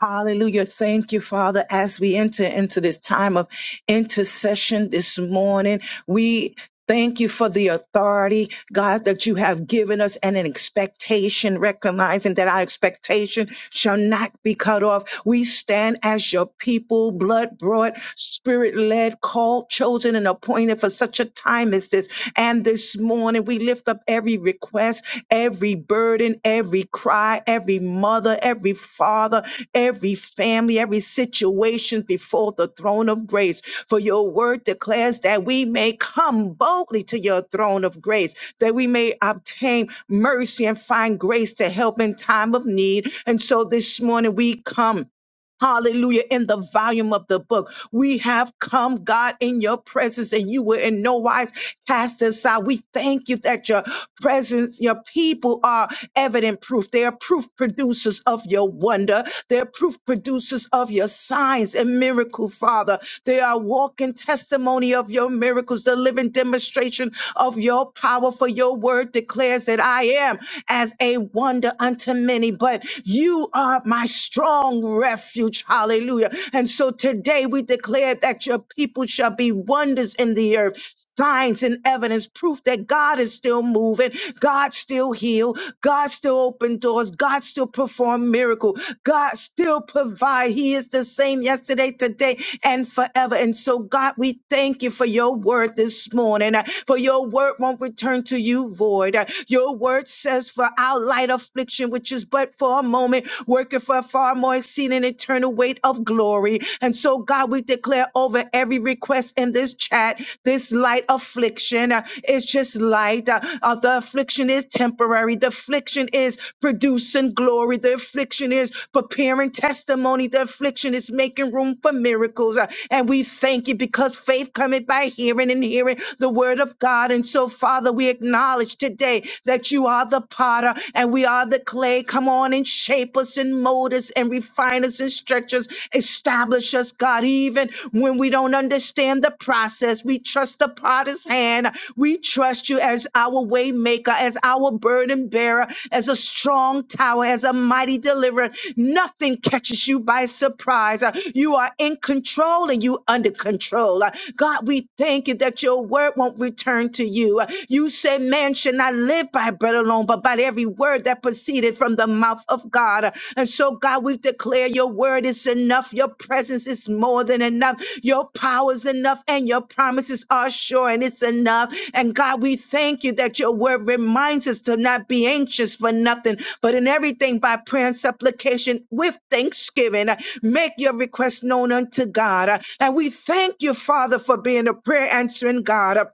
Speaker 7: Hallelujah. Thank you, Father. As we enter into this time of intercession this morning, we thank you for the authority, God, that you have given us and an expectation, recognizing that our expectation shall not be cut off. We stand as your people, blood brought, spirit led, called, chosen, and appointed for such a time as this and this morning, we lift up every request, every burden, every cry, every mother, every father, every family, every situation before the throne of grace. For your word declares that we may come boldly to your throne of grace, that we may obtain mercy and find grace to help in time of need. And so this morning, we come. Hallelujah. In the volume of the book, we have come, God, in your presence, and you were in no wise cast aside. We thank you that your presence, your people are evident proof. They are proof producers of your wonder. They're proof producers of your signs and miracle, Father. They are walking testimony of your miracles, the living demonstration of your power. For your word declares that I am as a wonder unto many, but you are are my strong refuge. Hallelujah. And so today we declare that your people shall be wonders in the earth, signs and evidence, proof that God is still moving, God still heal, God still open doors, God still perform miracle, God still provide. He is the same yesterday, today, and forever. And so, God, we thank you for your word this morning. uh, For your word won't return to you void. Uh, Your word says, For our light affliction affliction, which is but for a moment, working for a far more exceeding eternal weight of glory. And so, God, we declare over every request in this chat, this light affliction uh, is just light. Uh, uh, the affliction is temporary. The affliction is producing glory. The affliction is preparing testimony. The affliction is making room for miracles. Uh, and we thank you because faith cometh by hearing and hearing the word of God. And so, Father, we acknowledge today that you are you are the potter and we are the clay. Come on and shape us and mold us and refine us and stretch us, establish us, God. Even when we don't understand the process, we trust the potter's hand. We trust you as our way maker, as our burden bearer, as a strong tower, as a mighty deliverer. Nothing catches you by surprise. Uh, You are in control and you under control. Uh, God, we thank you that your word won't return to you. Uh, You say man should not live by bread alone, but by every word that proceeded from the mouth of God. And so, God, we declare your word is enough. Your presence is more than enough. Your power is enough, and your promises are sure, and it's enough. And God, we thank you that your word reminds us to not be anxious for nothing, but in everything by prayer and supplication with thanksgiving. uh, Make your request known unto God. Uh, And we thank you, Father, for being a prayer answering God. Uh,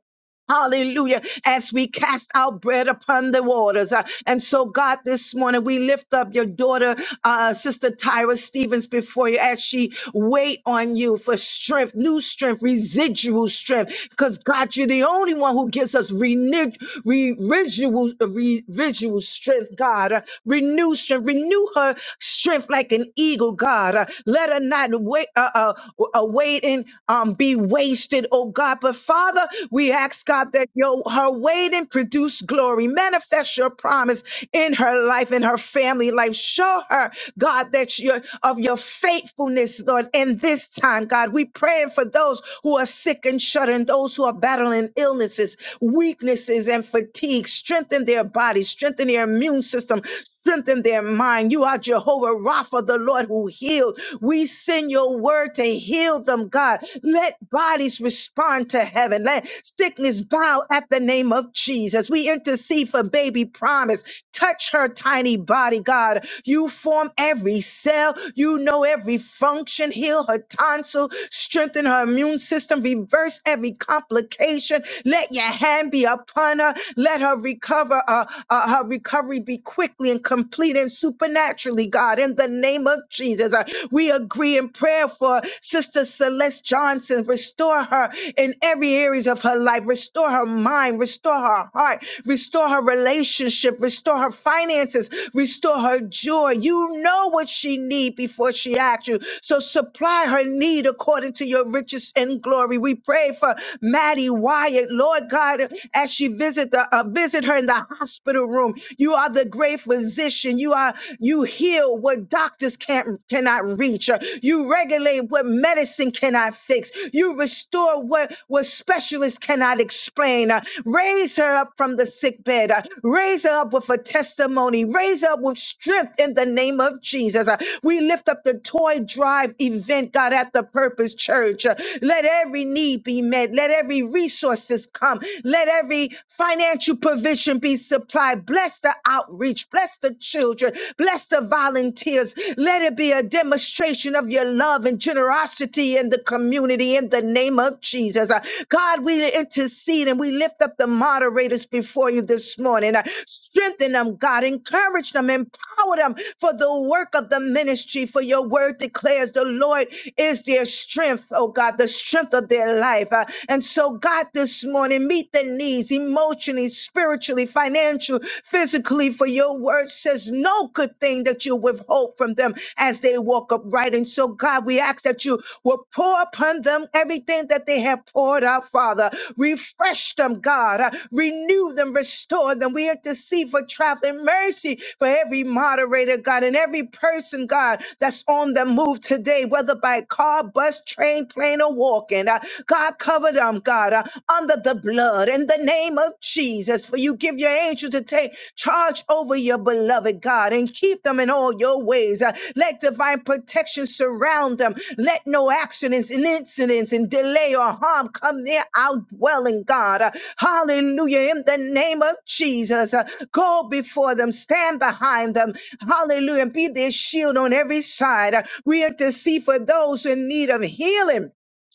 Speaker 7: Hallelujah. As we cast our bread upon the waters. Uh, and so, God, this morning we lift up your daughter, uh, Sister Tyra Stevens, before you as she wait on you for strength, new strength, residual strength. Because, God, you're the only one who gives us renew, re, residual, uh, re, residual strength, God. Uh, renew strength. Renew her strength like an eagle, God. Uh, let her not wait, uh, uh, uh, wait and um, be wasted wasted, oh God. But Father, we ask God that your her waiting produce glory. Manifest your promise in her life, in her family life. Show her, God, that you of your faithfulness, Lord, in this time, God. We praying for those who are sick and shuddering, those who are battling illnesses, weaknesses, and fatigue. Strengthen their bodies, strengthen their immune system, strengthen their mind. You are Jehovah Rapha, the Lord who healed. We send your word to to heal them, God. Let bodies respond to heaven. Let sickness bow at the name of Jesus. We intercede for baby promise. Touch her tiny body, God. You form every cell. You know every function. Heal her tonsil. Strengthen her immune system. Reverse every complication. Let your hand be upon her. Let her recover. Uh, uh, her recovery be quickly and complete and supernaturally, God. In the name of Jesus. Jesus. Uh, We agree in prayer for Sister Celeste Johnson. Restore her in every areas of her life. Restore her mind. Restore her heart. Restore her relationship. Restore her finances. Restore her joy. You know what she need before she asks you. So supply her need according to your riches and glory. We pray for Maddie Wyatt, Lord God, as she visit the uh, visit her in the hospital room. You are the great physician. You are are you heal what doctors can't cannot reach. Uh, You regulate what medicine cannot fix. You restore what what specialists cannot explain. Uh, Raise her up from the sick bed. Uh, Raise her up with a testimony. Raise her up with strength in the name of Jesus. Uh, We lift up the toy drive event, God, at the Purpose Church. Uh, Let every need be met. Let every resources come. Let every financial provision be supplied God. Bless the outreach. Bless the children. Bless the volunteers. Let it be a demonstration of your love and generosity in the community in the name of Jesus. Uh, God, we intercede and we lift up the moderators before you this morning. Uh, Strengthen them, God. Encourage them. Empower them for the work of the ministry. For your word declares the Lord is their strength, oh God, the strength of their life. Uh, and so, God, this morning, meet the needs emotionally, spiritually, financially, physically, for your word says no good thing that you withhold from them as they walk upright. And so, God, we ask that you will pour upon them everything that they have poured out, Father. Refresh them, God. Uh, Renew them, restore them. We intercede for traveling mercy for every moderator, God, and every person, God, that's on the move today, whether by car, bus, train, plane, or walking. Uh, God, cover them. God, uh, under the blood in the name of Jesus. For you give your angel to take charge over your beloved God and keep them in all your ways. Uh, let divine protection surround them. Let no accidents and incidents and delay or harm come near our dwelling, God. Uh, hallelujah. In the name of Jesus, uh, go before them, stand behind them. Hallelujah. be their shield on every side. Uh, we intercede for those in need of healing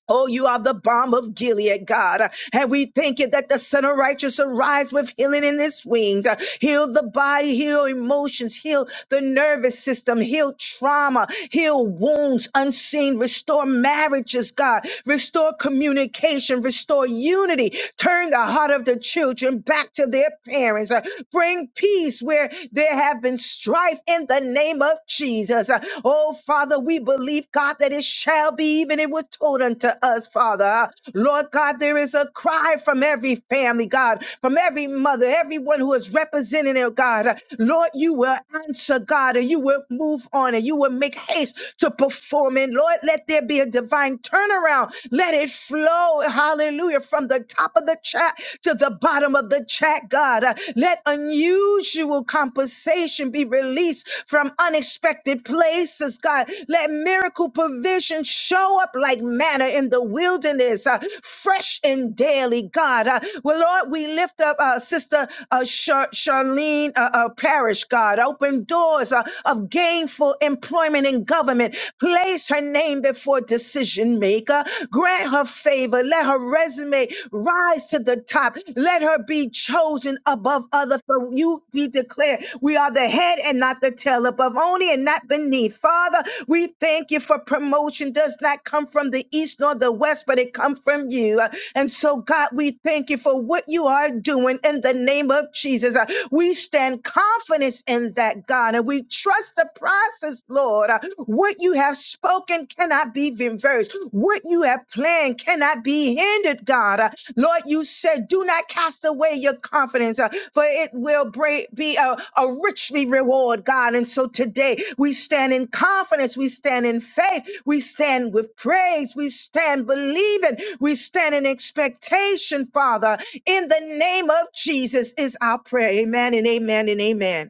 Speaker 7: Oh, you are the balm of Gilead, God. And we thank you that the Son of Righteous arise with healing in his wings. Heal the body, heal emotions, heal the nervous system, heal trauma, heal wounds unseen, restore marriages, God, restore communication, restore unity, turn the heart of the children back to their parents, bring peace where there have been strife in the name name of Jesus. Uh, Oh, Father, we believe, God, that it shall be even it was told unto us, Father. Uh, Lord God, there is a cry from every family, God, from every mother, everyone who is representing it, God. Uh, Lord, you will answer, God, and you will move on and you will make haste to perform. And Lord, let there be a divine turnaround. Let it flow, hallelujah, from the top of the chat to the bottom bottom of the chat, God. Uh, Let unusual compensation be released from unexpected places, God. Let miracle provision show up like manna in the wilderness, uh, fresh and daily, God. Uh, well, Lord, we lift up uh, Sister uh, Char- Charlene uh, uh, Parish, God. Open doors uh, of gainful employment in government. Place her name before decisions decision maker. Grant her favor. Let her resume rise to the top. Let her be chosen above other. For you be declared, we are the head and not the tail, above only and not beneath. Father, we thank you for promotion. Does not come from the east nor the west, but it comes from you. Uh, And so, God, we thank you for what you are doing in the name of Jesus. Uh, We stand confidence in that God. God, and we trust the process, Lord. Uh, What you have spoken cannot be reversed. What you have planned cannot be hindered, God. Uh, Lord, you said, do not cast away your confidence, uh, for it will bra- be a, a richly reward, God. And so today we stand in confidence, we stand in faith, we stand with praise, we stand believing, we stand in expectation, Father. In the name of Jesus is our prayer. Amen and amen and amen.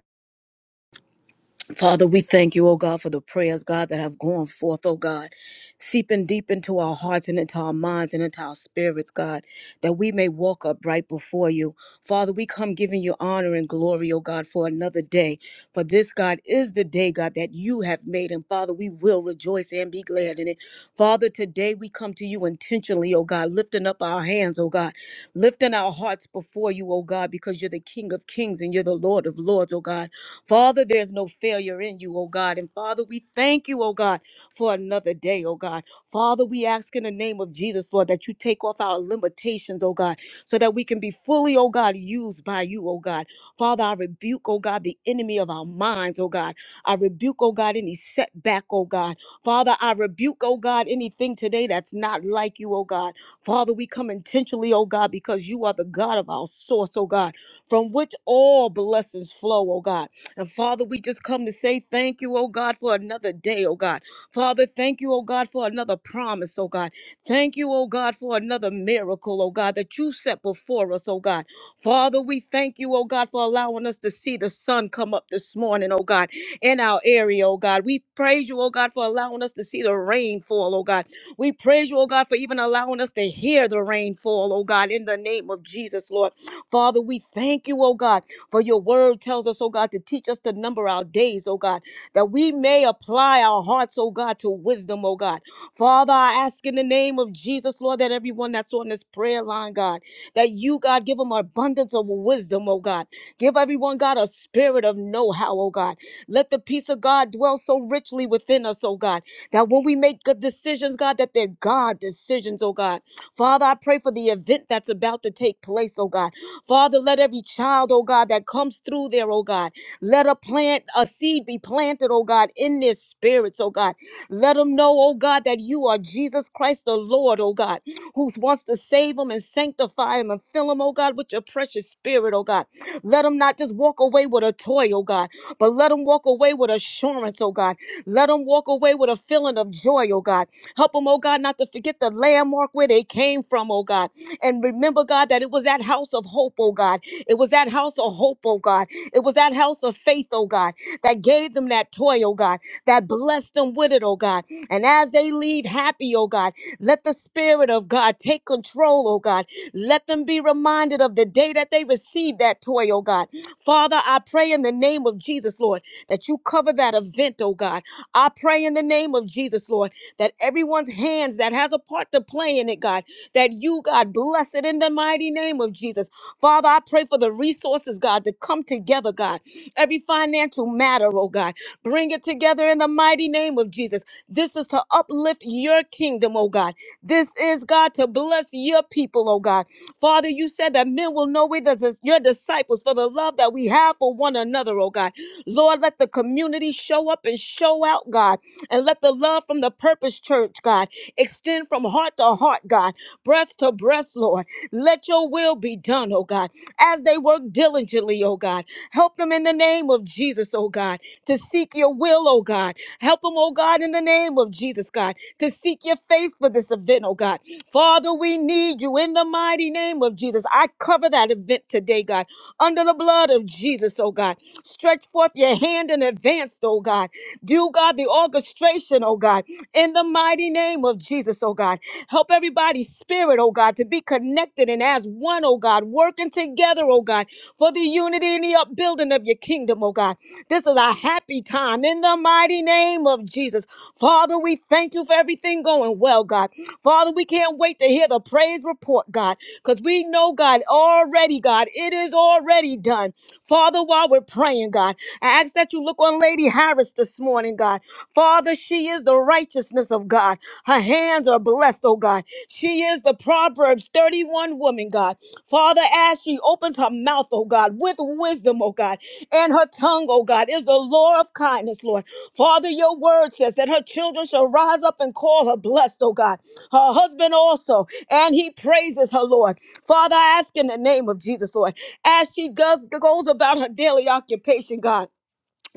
Speaker 4: Father, we thank you, oh God, for the prayers, God, that have gone forth, oh God, seeping deep into our hearts and into our minds and into our spirits, God, that we may walk upright before you. Father, we come giving you honor and glory, oh God, for another day. For this, God, is the day, God, that you have made. And Father, we will rejoice and be glad in it. Father, today we come to you intentionally, oh God, lifting up our hands, oh God, lifting our hearts before you, oh God, because you're the King of kings and you're the Lord of lords, oh God. Father, there's no failure in you, oh God. And Father, we thank you, oh God, for another day, oh God. Father, we ask in the name of Jesus, Lord, that you take off our limitations, oh God, so that we can be fully, oh God, used by you, oh God. Father, I rebuke, oh God, the enemy of our minds, oh God. I rebuke, oh God, any setback, oh God. Father, I rebuke, oh God, anything today that's not like you, oh God. Father, we come intentionally, oh God, because you are the God of our source, oh God, from which all blessings flow, oh God. And Father, we just come to say thank you, oh God, for another day, oh God. Father, thank you, oh God, for another promise, oh God. Thank you, oh God, for another miracle, oh God, that you set before us, oh God. Father, we thank you, oh God, for allowing us to see the sun come up this morning, oh God, in our area, oh God. We praise you, oh God, for allowing us to see the rain fall, oh God. We praise you, oh God, for even allowing us to hear the rain fall, oh God, in the name of Jesus, Lord. Father, we thank you, oh God, for your word tells us, oh God, to teach us to number our days, oh God, that we may apply our hearts, oh God, to wisdom, oh God. Father, I ask in the name of Jesus, Lord, that everyone that's on this prayer line, God, that you, God, give them an abundance of wisdom, oh God. Give everyone, God, a spirit of know how, oh God. Let the peace of God dwell so richly within us, oh God, that when we make good decisions, God, that they're God decisions, oh God. Father, I pray for the event that's about to take place, oh God. Father, let every child, oh God, that comes through there, oh God. Let a plant, a seed be planted, oh God, in their spirits, oh God. Let them know, oh God, that you are Jesus Christ the Lord, oh God, who wants to save them and sanctify them and fill them, oh God, with your precious spirit, oh God. Let them not just walk away with a toy, oh God, but let them walk away with assurance, oh God. Let them walk away with a feeling of joy, oh God. Help them, oh God, not to to forget the landmark where they came from, oh God. And remember, God, that it was that house of hope, oh God. It was that house of hope, oh God. It was that house of faith, oh God, that gave them that toy, oh God, that blessed them with it, oh God. And as they leave happy, oh God, let the Spirit of God take control, oh God. Let them be reminded of the day that they received that toy, oh God. Father, I pray in the name of Jesus, Lord, that you cover that event, oh God. I pray in the name of Jesus, Lord, that everyone's hands that has a part to play in it, God, that you, God, bless it in the mighty name of Jesus. Father, I pray for the resources, God, to come together, God. Every financial matter, oh God, bring it together in the mighty name of Jesus. This is to uplift your kingdom, oh God oh God. This is, God, to bless your people, oh God. Father, you said that men will know it as your disciples for the love that we have for one another, oh God. Lord, let the community show up and show out, God. And let the love from the Purpose Church, God, extend from heart to heart, God, breast to breast, Lord. Let your will be done, oh God, as they work diligently, oh God. Help them in the name of Jesus, oh God, to seek your will, oh God. Help them, oh God, in the name of Jesus, God to seek your face for this event, oh God. Father, we need you in the mighty name of Jesus. I cover that event today, God, under the blood of Jesus, oh God. Stretch forth your hand in advance, oh God. Do, God, the orchestration, oh God, in the mighty name of Jesus, oh God. Help everybody's spirit, oh God, to be connected and as one, oh God, working together, oh God, for the unity and the upbuilding of your kingdom, oh God. This is a happy time in the mighty name of Jesus. Father, we thank you for everything going well, God. Father, we can't wait to hear the praise report, God, because we know, God, already, God, it is already done. Father, while we're praying, God, I ask that you look on Lady Harris this morning, God. Father, she is the righteousness of God. Her hands are blessed, oh God. She is the Proverbs 31 woman, God. Father, as she opens her mouth, oh God, with wisdom, oh God, and her tongue, oh God, is the law of kindness, Lord. Father, your word says that her children shall rise up and call her blessed, oh God. Her husband also, and he praises her, Lord. Father, I ask in the name of Jesus, Lord, as she goes, goes about her daily occupation, God.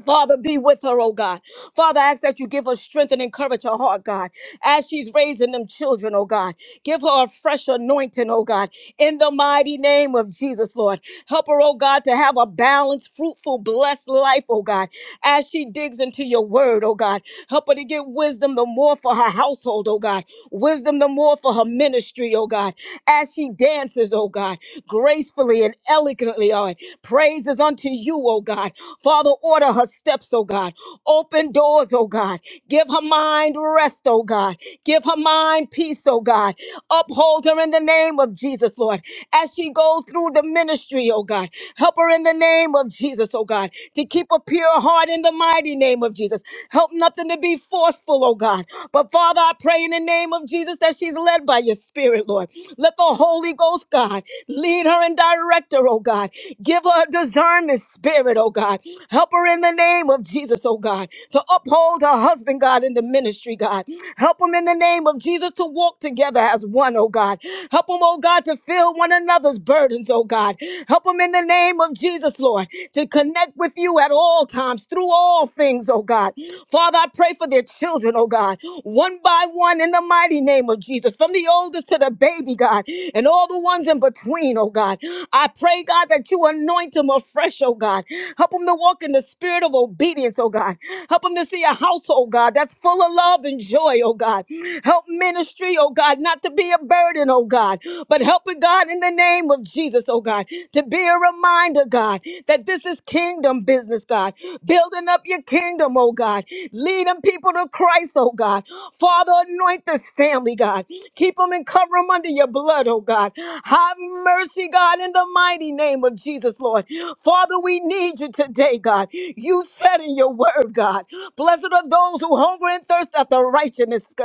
Speaker 4: Father, be with her, oh God. Father, I ask that you give her strength and encourage her heart, God, as she's raising them children, oh God. Give her a fresh anointing, oh God, in the mighty name of Jesus, Lord. Help her, oh God, to have a balanced, fruitful, blessed life, oh God, as she digs into your word, oh God. Help her to get wisdom the more for her household, oh God. Wisdom the more for her ministry, oh God, as she dances, oh God gracefully and elegantly, oh, praises unto you, oh God. Father, order her steps, oh God. Open doors, oh God. Give her mind rest, oh God. Give her mind peace, oh God. Uphold her in the name of Jesus, Lord. As she goes through the ministry, oh God. Help her in the name of Jesus, oh God, to keep a pure heart in the mighty name of Jesus. Help nothing to be forceful, oh God. But Father, I pray in the name of Jesus that she's led by your spirit. Spirit, Lord. Let the Holy Ghost, God, lead her and direct her, oh God. Give her a discernment spirit, oh God. Help her in the name of Jesus, oh God, to uphold her husband, God, in the ministry, God. Help them in the name of Jesus to walk together as one, oh God. Help them, oh God, to fill one another's burdens, oh God. Help them in the name of Jesus, Lord, to connect with you at all times through all things, oh God. Father, I pray for their children, oh God. One by one in the mighty name of Jesus, from the oldest to the baby, God, and all the ones in between, oh God. I pray, God, that you anoint them afresh, oh God. Help them to walk in the spirit of obedience, oh God. Help them to see a household, God, that's full of love and joy, oh God. Help ministry, oh God, not to be a burden, oh God, but help it, God, in the name of Jesus, oh God, to be a reminder, God, that this is kingdom business, God. Building up your kingdom, oh God. Lead them, people to Christ, oh God. Father, anoint this family, God. Keep them and cover them under your blood, oh God. Have mercy, God, in the mighty name of Jesus, Lord. Father, we need you today, God. You said in your word, God, blessed are those who hunger and thirst after righteousness.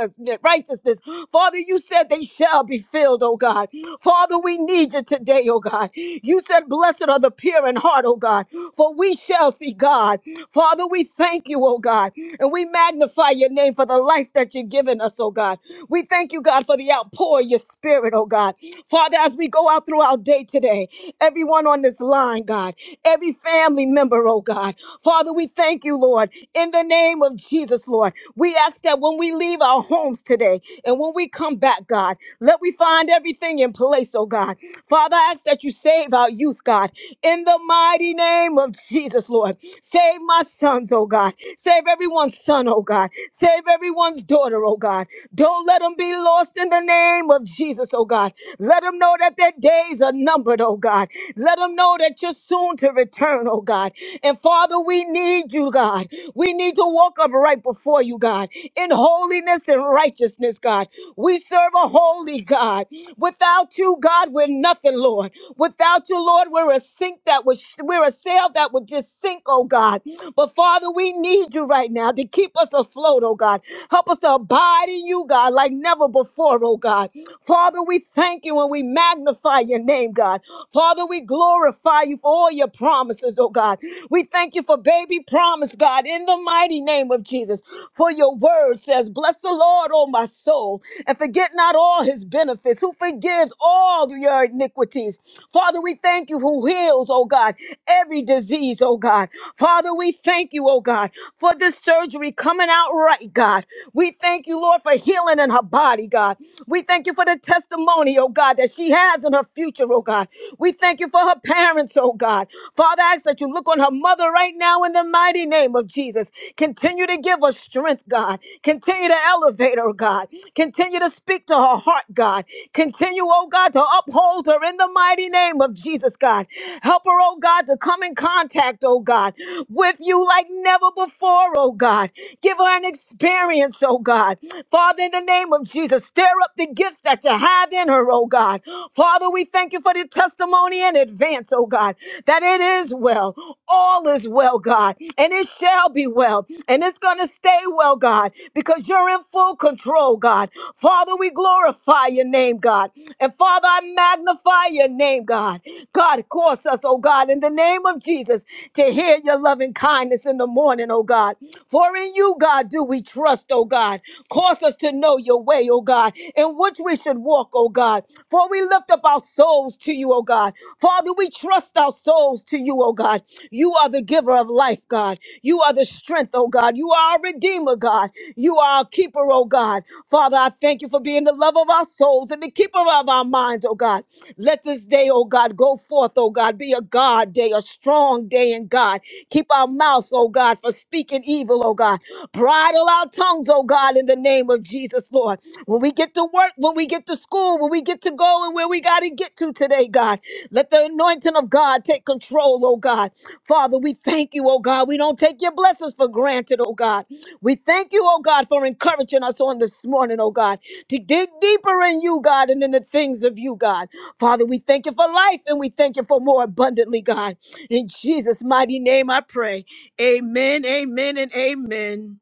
Speaker 4: righteousness. Father, you said they shall be filled, oh God. Father, we need you today, oh God. You said, blessed are the pure in heart, oh God, for we shall see God. Father, we thank you, oh God, and we magnify your name for the life that you've given us, oh God. We thank you, God, for the outpour of your spirit, oh God. Father, as we go out through our day today, everyone on this line, God, every family member, oh God. Father, we thank you, Lord, in the name of Jesus, Lord. We ask that when we leave our homes today and when we come back, God, let we find everything in place, oh God. Father, I ask that you save our youth, God. God, in the mighty name of Jesus, Lord. Save my sons, oh God. Save everyone's son, oh God. Save everyone's daughter, oh God. Don't let them be lost in the name of Jesus, oh God. Let them know that their days are numbered, oh God. Let them know that you're soon to return, oh God. And Father, we need you, God. We need to walk upright before you, God, in holiness and righteousness, God. We serve a holy God. Without you, you, God, we're nothing, Lord. Without you, Lord, we're a sink that was we're a sail that would just sink, oh God. But Father, we need you right now to keep us afloat, oh God. Help us to abide in you, God, like never before, oh God. Father, we thank you and we magnify your name, God. Father, we glorify you for all your promises, oh God. We thank you for baby promise, God, in the mighty name of Jesus. For your word says, Bless the Lord, oh my soul forget not all his benefits, who forgives all your iniquities. Father, we thank you who heals, oh God, every disease, oh God. Father, we thank you, oh God, for this surgery coming out right, God. We thank you, Lord, for healing in her body, God. We thank you for the testimony, oh God, that she has in her future, oh God. We thank you for her parents, oh God. Father, I ask that you look on her mother right now in the mighty name of Jesus. Continue to give her strength, God. Continue to elevate her, God. Continue to speak to her heart, God. Continue, oh God, to uphold her in the mighty name of Jesus, God. Help her, oh God, to come in contact, oh God, with you like never before, oh God. Give her an experience, oh God. Father, in the name of Jesus, stir up the gifts that you have in her, oh God. Father, we thank you for the testimony in advance, oh God, that it is well. All is well, God. And it shall shall be well and it's going to stay well, God, because you're in full control, God. Father, we glorify your name, God. And Father, I magnify your name, God. God, cause us, oh God, in the name of Jesus to hear your loving kindness in the morning, oh God. For in you, God, do we trust, oh God. Cause us to know your way, oh God, in which we should walk, oh God. For we lift up our souls to you, oh God. Father, we trust our souls to you, oh oh God. You are the giver of life, God. You are the strength, oh God. You are a redeemer, God. You are a keeper, oh God. Father, I thank you for being the love of our souls and the keeper of our minds, oh God. Let this day, oh God, go forth, oh God. Be a God day, a strong day in God. Keep our mouths, oh God, for speaking evil, oh God. Bridle our tongues, oh God, in the name of Jesus, Lord. When we get to work, when we get to school, when we get to go and where we got to get to today, God. Let the anointing of God take control, oh God. Father, we thank you, oh God. We don't take your blessings for granted, oh God. We thank you, oh God, for encouraging us on this morning, oh God, to dig deeper in you, God, and in the things of you, God. Father, we thank you for life and we thank you for more abundantly, God. In Jesus' mighty name I pray. Amen, amen, and amen.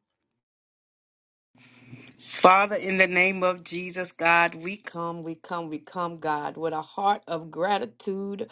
Speaker 1: Father, in the name of Jesus, God, we come, we come, we come, God, with a heart of gratitude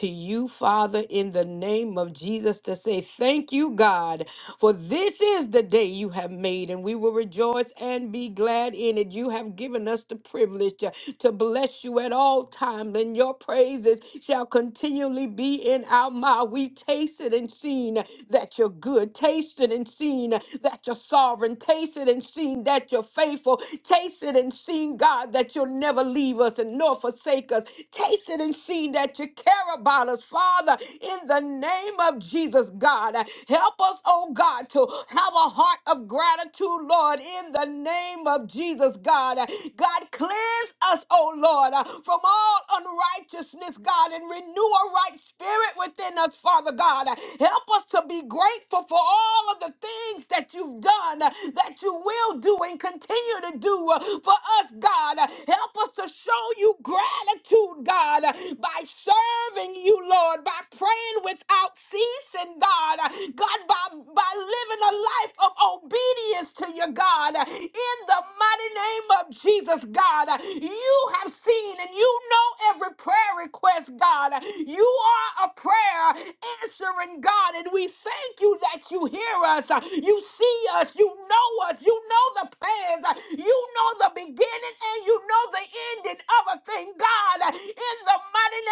Speaker 1: to you, Father, in the name of Jesus, to say thank you, God, for this is the day you have made, and we will rejoice and be glad in it. You have given us the privilege to, to bless you at all times, and your praises shall continually be in our mouth. We tasted and seen that you're good, tasted and seen that you're sovereign, tasted and seen that that you're faithful. Taste it and see, God, that you'll never leave us and nor forsake us. Taste it and see that you care about us, Father, in the name of Jesus, God. Help us, oh God, to have a heart of gratitude, Lord, in the name of Jesus, God. God, cleanse us, oh Lord, from all unrighteousness, God, and renew a right spirit within us, Father God. Help us to be grateful for all of the things that you've done, that you will will do and continue to do uh, for us, God. Help us to show you gratitude, God, by serving you, Lord, by praying without ceasing, God. God, by, by living a life of obedience to you, God. In the mighty name of Jesus, God, you have seen and you know every prayer request, God. You are a prayer answering God, and we thank you that you hear us, you see us, you know us, you know the plans, you know the beginning, and you know the ending of a thing, God. In the mighty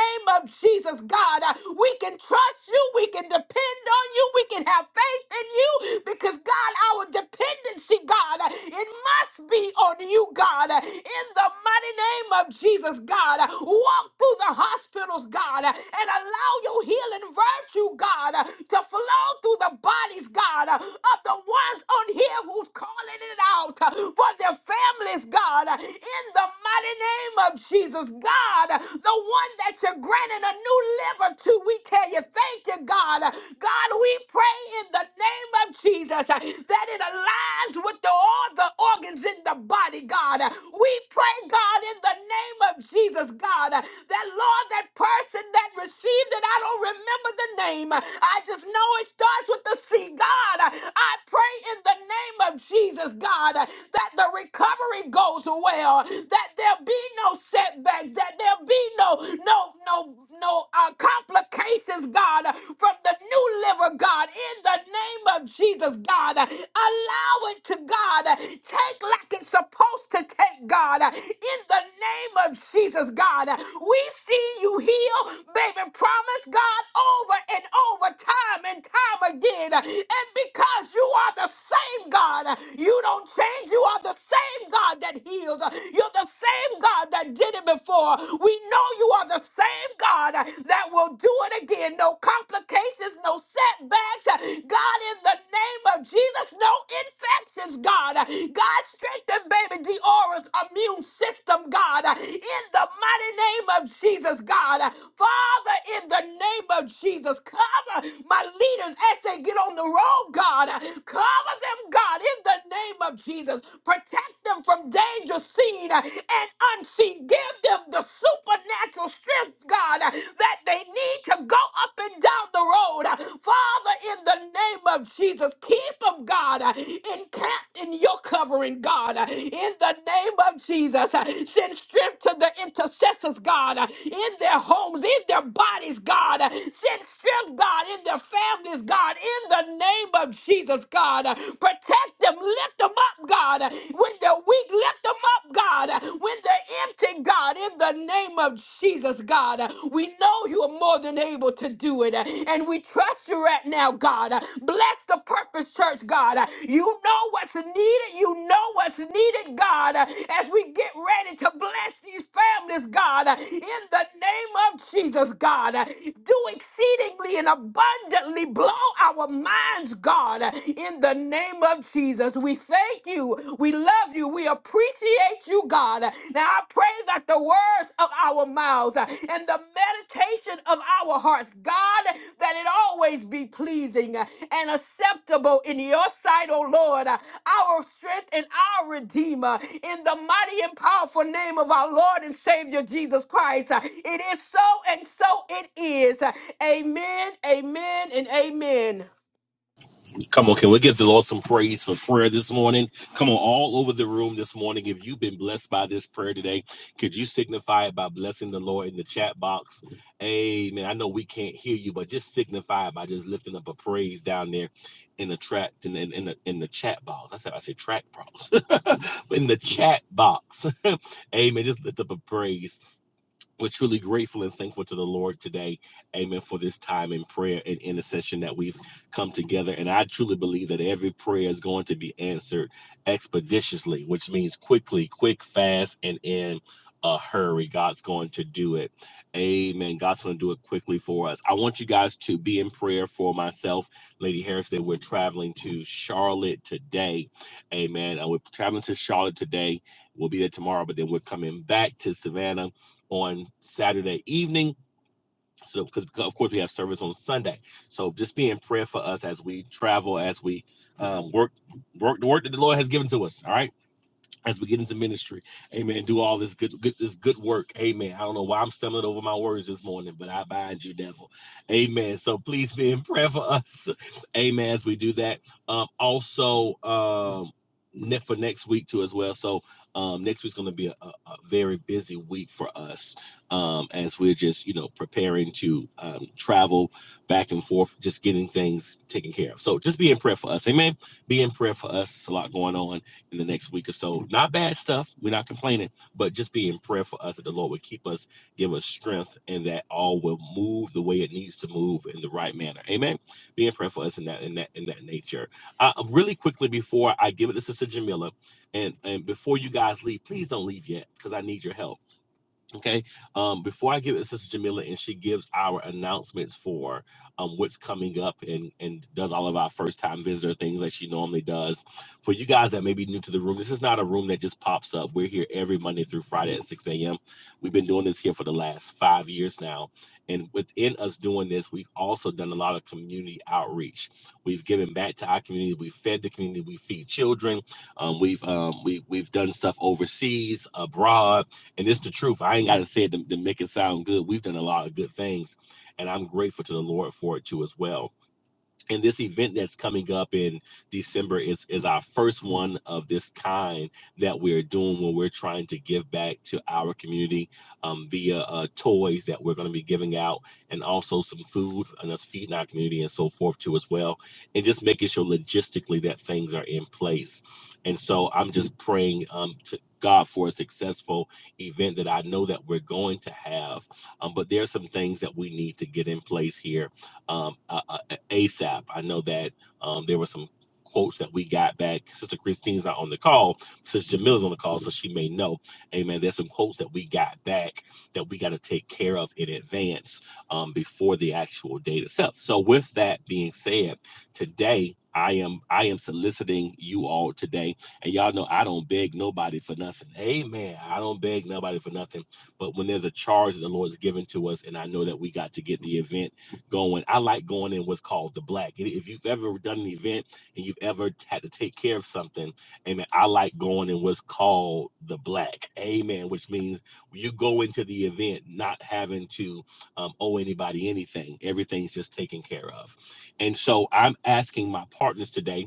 Speaker 1: name of Jesus, God. Uh, We can trust you. We can depend on you. We can have faith in you because, God, our dependency, God, uh, it must be on you, God. Uh, In the mighty name of Jesus, God, uh, walk through the hospitals, God, uh, and allow your healing virtue, God, uh, to flow through the bodies, God, uh, of the ones on here who's calling it out uh, for their families, God. uh, In the mighty name of Jesus, God, the one that you're granting a new liver to. We tell you, thank you, God. God, we pray in the name of Jesus uh, that it aligns with the, all the organs in the body, God. We pray, God, in the name of Jesus, God, that Lord, that person that received it, I don't remember the name. I just know it starts with the C. God, I pray in the name of Jesus, God, that the recovery goes well, that there there be no setbacks, that there be no no no no uh, complications, God, uh, from the new liver, God, in the name of Jesus, God. Uh, Allow it to God. Uh, Take like it's supposed to take, God, uh, in the name of Jesus, God. Uh, We've seen you heal, baby, promise, God, over and over, time and time again. Uh, And because you are the same God, uh, you don't change. You are the same God that that heals. You're the same God that did it before. We know you are the same God that will do it again. No complications, no setbacks. God, in the name of Jesus, no infections, God. God, strengthen baby Deora's immune system, God. In the mighty name of Jesus, God. Father, in the name of Jesus, cover my leaders as they get on the road, God. Cover them, God. God, in the name of Jesus. Protect them from danger seen uh, and unseen. Give them the supernatural strength, God, uh, that they need to go up and down the road. Uh, Father, in the name of Jesus, keep them, God, uh, encamped in your covering, God. uh, In the name of Jesus, uh, send strength to the intercessors, God, uh, in their homes, in their bodies, God. uh, Send strength, God, in their families, God, in the name of Jesus, God. God. Protect them. Lift them up, God. When they're weak, lift them up, God. When they're empty, God, in the name of Jesus, God. We know you are more than able to do it. And we trust you right now, God. Bless the Purpose Church, God. You know what's needed. You know what's needed, God. As we get ready to bless these families, God, in the name of Jesus, God. Do exceedingly and abundantly blow our minds, God. God, in the name of Jesus. We thank you. We love you. We appreciate you, God. Now I pray that the words of our mouths and the meditation of our hearts, God, that it always be pleasing and acceptable in your sight, O Lord, our strength and our Redeemer, in the mighty and powerful name of our Lord and Savior Jesus Christ. It is so, and so it is. Amen, amen, and amen.
Speaker 2: Come on, can we give the Lord some praise for prayer this morning? Come on, all over the room this morning. If you've been blessed by this prayer today, could you signify it by blessing the Lord in the chat box? Amen. I know we can't hear you, but just signify it by just lifting up a praise down there in the track in, in, in the in the chat box. That's how I say track box. in the chat box. Amen. Just lift up a praise we're truly grateful and thankful to the Lord today. Amen. For this time in prayer and intercession that we've come together. And I truly believe that every prayer is going to be answered expeditiously, which means quickly, quick, fast, and in a hurry. God's going to do it. Amen. God's going to do it quickly for us. I want you guys to be in prayer for myself, Lady Harris, that we're traveling to Charlotte today. Amen. And we're traveling to Charlotte today. We'll be there tomorrow, but then we're coming back to Savannah on Saturday evening. So, because of course we have service on Sunday. So just be in prayer for us as we travel, as we um, work, work the work that the Lord has given to us. All right as we get into ministry. Amen. Do all this good, good this good work. Amen. I don't know why I'm stumbling over my words this morning, but I bind you, devil. Amen. So please be in prayer for us. Amen. As we do that. Um, also um ne- for next week too as well. So um next week's gonna be a, a, a very busy week for us. Um as we're just, you know, preparing to um travel back and forth, just getting things taken care of. So just be in prayer for us. Amen. Be in prayer for us. It's a lot going on in the next week or so. Not bad stuff. We're not complaining, but just be in prayer for us that the Lord would keep us, give us strength, and that all will move the way it needs to move in the right manner. Amen. Be in prayer for us in that in that in that nature. Uh, really quickly before I give it to Sister Jamila, and and before you guys leave, please don't leave yet because I need your help Okay. Um, before I give it to Sister Jamila and she gives our announcements for um, what's coming up and, and does all of our first time visitor things like she normally does, for you guys that may be new to the room, this is not a room that just pops up. We're here every Monday through Friday at 6 a.m. We've been doing this here for the last five years now. And within us doing this, we've also done a lot of community outreach. We've given back to our community. We've fed the community. We feed children. Um, we've um, we, we've done stuff overseas, abroad and it's the truth. I ain't got to say it to, to make it sound good. We've done a lot of good things, and I'm grateful to the Lord for it too as well and this event that's coming up in December is is our first one of this kind that we're doing where we're trying to give back to our community um, via uh, toys that we're going to be giving out and also some food and us feeding our community and so forth too as well and just making sure logistically that things are in place and so I'm just praying um, to God for a successful event that I know that we're going to have um, but there are some things that we need to get in place here um, uh, uh, ASAP. I know that um, there were some quotes that we got back. Sister Christine's not on the call. Sister Jamila's on the call, so she may know. Amen. There's some quotes that we got back that we got to take care of in advance um, before the actual date itself. So, with that being said, today I am I am soliciting you all today, and y'all know I don't beg nobody for nothing. Amen. I don't beg nobody for nothing. But when there's a charge that the Lord's given to us, and I know that we got to get the event going. I like going in what's called the black. If you've ever done an event and you've ever had to take care of something, amen. I like going in what's called the black, amen, which means you go into the event not having to um, owe anybody anything. Everything's just taken care of. And so I'm asking my partners today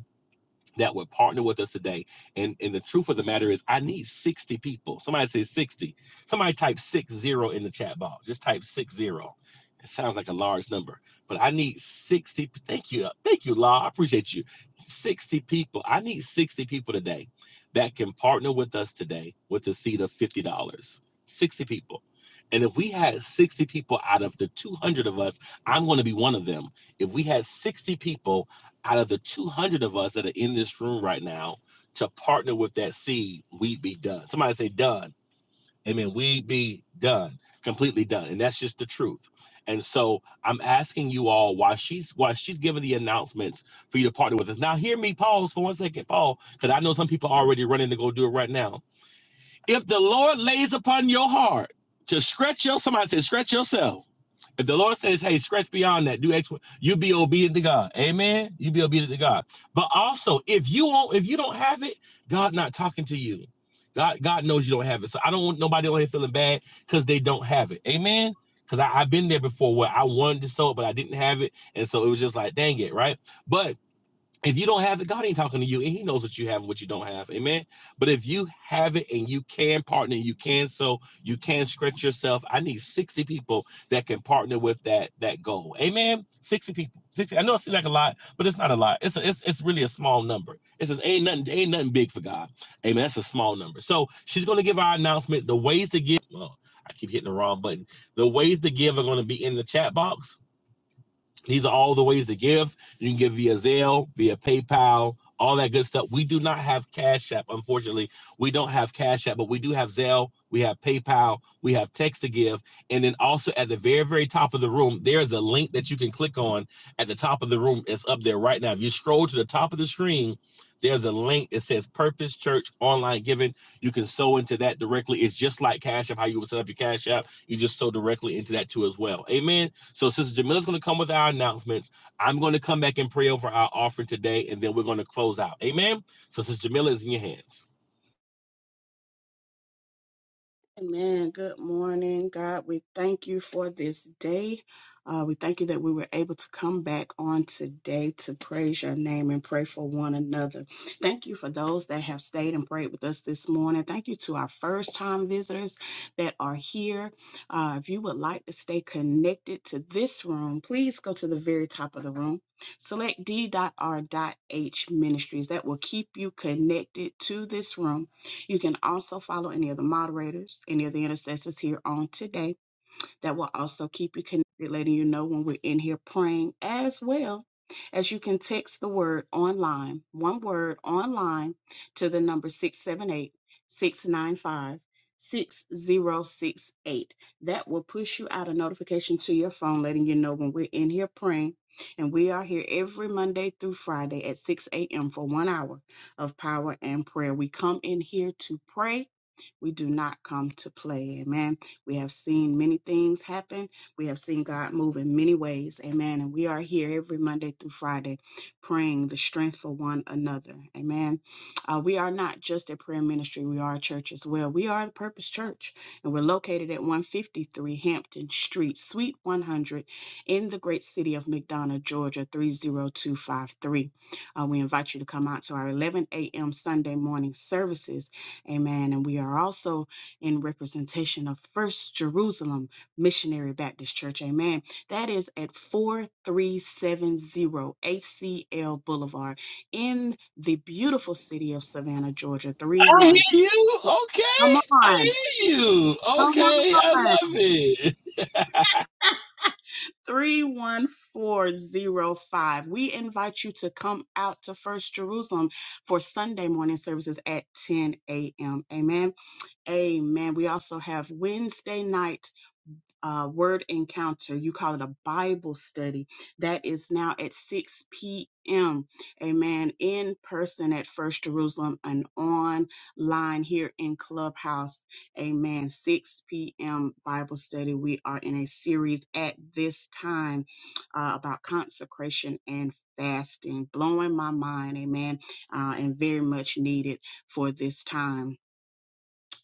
Speaker 2: that would partner with us today. And and the truth of the matter is, I need 60 people. Somebody say 60. Somebody type six zero in the chat box. Just type six zero. It sounds like a large number, but I need 60. Thank you. Thank you, Law. I appreciate you. 60 people. I need 60 people today that can partner with us today with a seed of $50. dollars. 60 people. And if we had 60 people out of the 200 of us, I'm going to be one of them. If we had 60 people out of the 200 of us that are in this room right now to partner with that seed, we'd be done. Somebody say done. Amen. We'd be done, completely done. And that's just the truth. And so I'm asking you all why she's why she's giving the announcements for you to partner with us. Now hear me pause for one second, Paul, because I know some people are already running to go do it right now. If the Lord lays upon your heart to stretch your somebody say stretch yourself if the Lord says, hey, scratch beyond that, do X, you be obedient to God. Amen. You be obedient to God. But also, if you won't, if you don't have it, God not talking to you. God, God knows you don't have it. So I don't want nobody on here feeling bad because they don't have it. Amen. Because I've been there before where I wanted to sow it, but I didn't have it. And so it was just like, dang it, right? But if you don't have it, God ain't talking to you, and He knows what you have and what you don't have. Amen. But if you have it and you can partner, you can sow, you can stretch yourself. I need 60 people that can partner with that that goal. Amen. 60 people. 60. I know it seems like a lot, but it's not a lot. It's a, it's it's really a small number. It's just ain't nothing ain't nothing big for God. Amen. That's a small number. So she's gonna give our announcement. The ways to give. Well, I keep hitting the wrong button. The ways to give are gonna be in the chat box these are all the ways to give. You can give via Zelle, via PayPal, all that good stuff. We do not have Cash App, unfortunately. We don't have Cash App, but we do have Zelle, we have PayPal, we have Text to Give. And then also at the very, very top of the room, there is a link that you can click on at the top of the room. It's up there right now. If you scroll to the top of the screen, there's a link. It says Purpose Church Online Giving. You can sow into that directly. It's just like Cash App, how you would set up your Cash App. You just sow directly into that too as well. Amen. So Sister Jamila's going to come with our announcements. I'm going to come back and pray over our offering today, and then we're going to close out. Amen. So Sister Jamila is in your hands.
Speaker 8: Amen. Good morning, God. We thank you for this day. Uh, we thank you that we were able to come back on today to praise your name and pray for one another. Thank you for those that have stayed and prayed with us this morning. Thank you to our first time visitors that are here. Uh, if you would like to stay connected to this room, please go to the very top of the room. Select d.r.h ministries. That will keep you connected to this room you can also follow any of the moderators, any of the intercessors here on today that will also keep you connected, letting you know when we're in here praying, as well as you can text the word online, one word online, to the number 678 695 6068. That will push you out a notification to your phone, letting you know when we're in here praying. And we are here every Monday through Friday at 6 a.m. for one hour of power and prayer. We come in here to pray. We do not come to play. Amen. We have seen many things happen. We have seen God move in many ways. Amen. And we are here every Monday through Friday praying the strength for one another. Amen. Uh, we are not just a prayer ministry, we are a church as well. We are the Purpose Church, and we're located at 153 Hampton Street, Suite 100, in the great city of McDonough, Georgia, 30253. Uh, we invite you to come out to our 11 a.m. Sunday morning services. Amen. And we are also in representation of First Jerusalem Missionary Baptist Church. Amen. That is at 4370 ACL Boulevard in the beautiful city of Savannah, Georgia. Three
Speaker 2: I
Speaker 8: one,
Speaker 2: hear you.
Speaker 8: Come
Speaker 2: Okay. I
Speaker 8: on.
Speaker 2: hear you.
Speaker 8: Come
Speaker 2: Okay. I
Speaker 8: on.
Speaker 2: love it.
Speaker 8: 31405. We invite you to come out to First Jerusalem for Sunday morning services at 10 a.m. Amen. Amen. We also have Wednesday night uh, word encounter. You call it a Bible study. That is now at 6 p.m. Amen. In person at First Jerusalem and online here in Clubhouse. Amen. 6 p.m. Bible study. We are in a series at this time uh, about consecration and fasting. Blowing my mind. Amen. Uh, and very much needed for this time.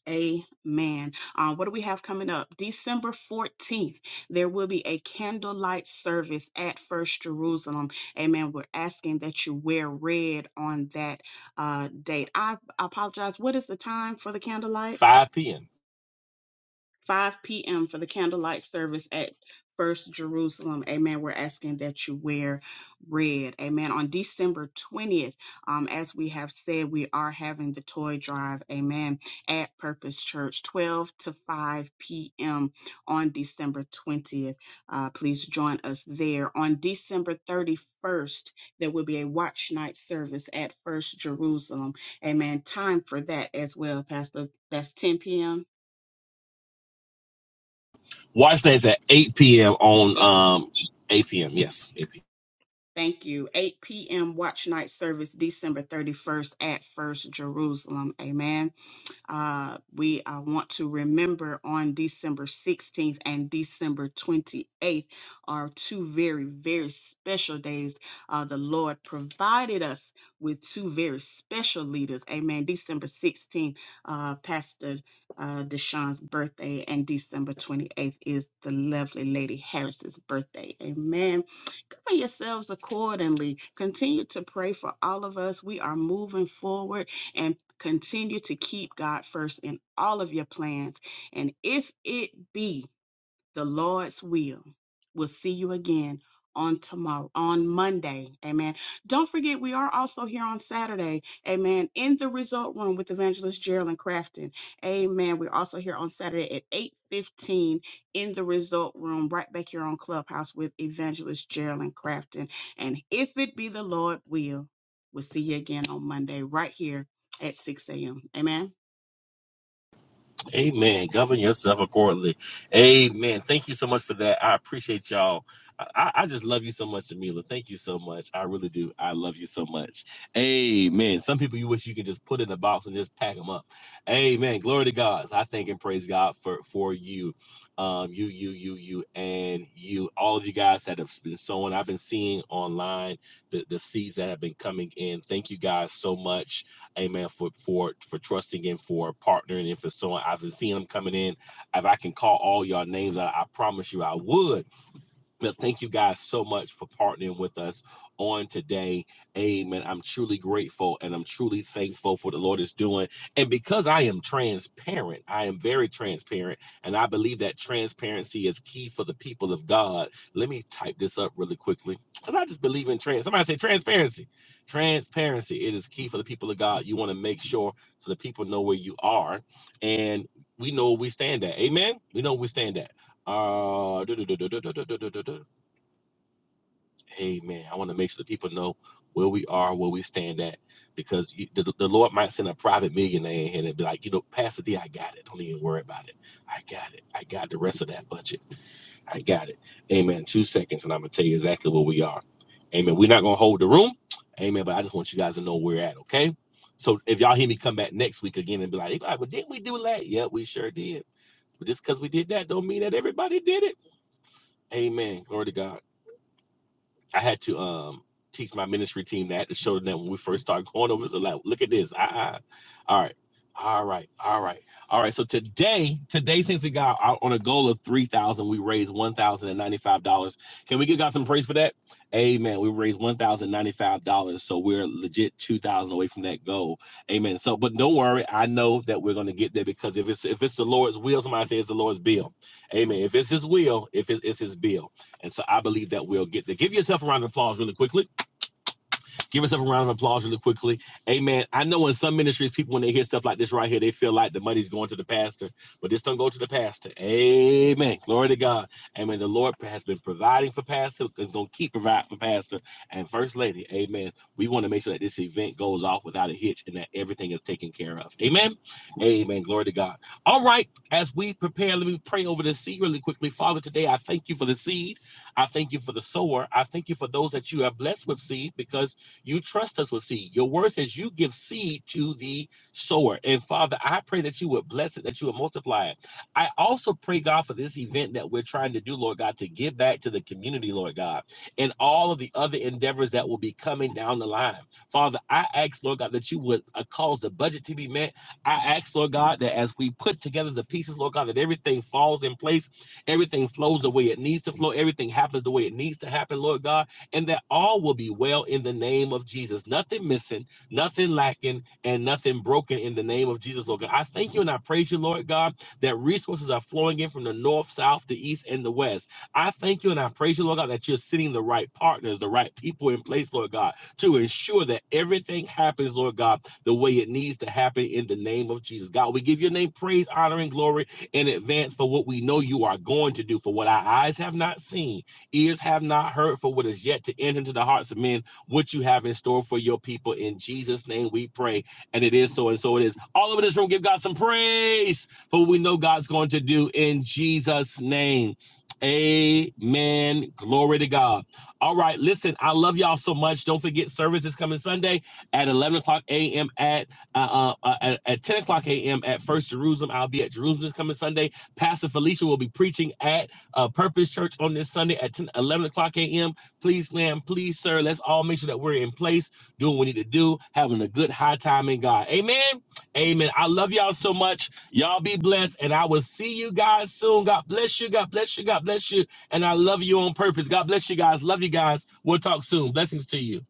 Speaker 8: Amen. Um, what do we have coming up? December 14th, there will be a candlelight service at First Jerusalem. Amen. We're asking that you wear red on that uh, date. I apologize. What is the time for the candlelight?
Speaker 2: 5 p.m.
Speaker 8: 5 p.m. for the candlelight service at First Jerusalem. Amen. We're asking that you wear red. Amen. On December 20th, um, as we have said, we are having the toy drive. Amen. At Purpose Church, 12 to 5 p.m. on December 20th. Uh, please join us there. On December 31st, there will be a watch night service at First Jerusalem. Amen. Time for that as well, Pastor. That's 10 p.m.
Speaker 2: Watch nights at 8 p.m. on um 8 p.m. Yes. eight p.m.
Speaker 8: Thank you. 8 p.m. Watch Night Service, December 31st at First Jerusalem. Amen. Uh, we uh, want to remember on December 16th and December 28th are two very, very special days. Uh, the Lord provided us with two very special leaders. Amen. December 16th, uh, Pastor uh, Deshawn's birthday, and December 28th is the lovely Lady Harris's birthday. Amen cover yourselves accordingly. Continue to pray for all of us. We are moving forward and continue to keep God first in all of your plans. And if it be the Lord's will. We'll see you again on tomorrow, on Monday. Amen. Don't forget, we are also here on Saturday. Amen. In the result room with evangelist Geraldine Crafton. Amen. We're also here on Saturday at 8:15 in the result room, right back here on Clubhouse with evangelist Geraldine Crafton. And if it be the Lord will, we'll see you again on Monday, right here at 6 a.m. Amen.
Speaker 2: Amen. Govern yourself accordingly. Amen. Thank you so much for that. I appreciate y'all. I, I just love you so much, Jamila. Thank you so much. I really do. I love you so much. Amen. Some people you wish you could just put in a box and just pack them up. Amen. Glory to God. So I thank and praise God for for you, um, you, you, you, you, and you. All of you guys that have been sowing. I've been seeing online the the seeds that have been coming in. Thank you guys so much amen, for for for trusting and for partnering and for so on. I've been seeing them coming in. If I can call all y'all names, I, I promise you I would. Well, thank you guys so much for partnering with us on today. Amen. I'm truly grateful and I'm truly thankful for the Lord is doing. And because I am transparent, I am very transparent, and I believe that transparency is key for the people of God. Let me type this up really quickly because I just believe in trans. Somebody say transparency. Transparency. It is key for the people of God. You want to make sure so the people know where you are and we know where we stand at. Amen. We know where we stand at. Uh, duh, duh, duh, duh, duh, duh, duh, duh, duh, duh, hey man, I want to make sure the people know where we are, where we stand at, because you, the, the Lord might send a private millionaire in here and be like, you know, Pastor D, I got it. Don't even worry about it. I got it. I got the rest of that budget. I got it. Amen. Two seconds, and I'm gonna tell you exactly where we are. Amen. We're not gonna hold the room. Amen. But I just want you guys to know where we're at. Okay. So if y'all hear me come back next week again and be like, "Hey, but didn't we do that? Yeah, we sure did. But just because we did that, don't mean that everybody did it. Amen. Glory to God. I had to um teach my ministry team that to show them that when we first started going over. It's a lot. look at this. I, I, all right, all right, all right, all right. So today, today, since it got out on a goal of three thousand, we raised one thousand and ninety-five dollars. Can we give God some praise for that? Amen. We raised one thousand ninety-five dollars, so we're legit two thousand away from that goal. Amen. So, but don't worry, I know that we're gonna get there because if it's if it's the Lord's will, somebody say it's the Lord's bill. Amen. If it's His will, if it- it's His bill. And so I believe that we'll get there. Give yourself a round of applause really quickly. Give yourself a round of applause really quickly. Amen. I know in some ministries, people, when they hear stuff like this right here, they feel like the money's going to the pastor, but this don't go to the pastor. Amen. Glory to God. Amen. The Lord has been providing for pastor, is going to keep providing for pastor and first lady. Amen. We want to make sure that this event goes off without a hitch and that everything is taken care of. Amen. Amen. Glory to God. All right. As we prepare, let me pray over the seed really quickly. Father, today I thank you for the seed. I thank you for the sower. I thank you for those that you have blessed with seed because you trust us with seed. Your word says you give seed to the sower. And Father, I pray that you would bless it, that you would multiply it. I also pray, God, for this event that we're trying to do, Lord God, to give back to the community, Lord God, and all of the other endeavors that will be coming down the line. Father, I ask, Lord God, that you would uh, cause the budget to be met. I ask, Lord God, that as we put together the pieces, Lord God, that everything falls in place, everything flows the way it needs to flow, everything happens the way it needs to happen, Lord God and that all will be well in the name of Jesus. Nothing missing, nothing lacking, and nothing broken in the name of Jesus, Lord God. I thank you and I praise you, Lord God, that resources are flowing in from the north, south, the east, and the west. I thank you and I praise you, Lord God, that you're sending the right partners, the right people in place, Lord God, to ensure that everything happens, Lord God, the way it needs to happen in the name of Jesus. God, we give your name praise, honor, and glory in advance for what we know you are going to do, for what our eyes have not seen Ears have not heard for what is yet to enter into the hearts of men, what you have in store for your people. In Jesus' name we pray. And it is so, and so it is. All over this room, give God some praise for what we know God's going to do in Jesus' name. Amen. Glory to God. All right. Listen, I love y'all so much. Don't forget, service is coming Sunday at 11 o'clock a.m. at uh, uh, uh, at, at 10 o'clock a.m. at First Jerusalem. I'll be at Jerusalem this coming Sunday. Pastor Felicia will be preaching at uh, Purpose Church on this Sunday at 10, 11 o'clock a.m. Please, ma'am, please, sir, let's all make sure that we're in place, doing what we need to do, having a good high time in God. Amen. Amen. I love y'all so much. Y'all be blessed, and I will see you guys soon. God bless you. God bless you. God bless you. And I love you on purpose. God bless you guys. Love you guys. We'll talk soon. Blessings to you.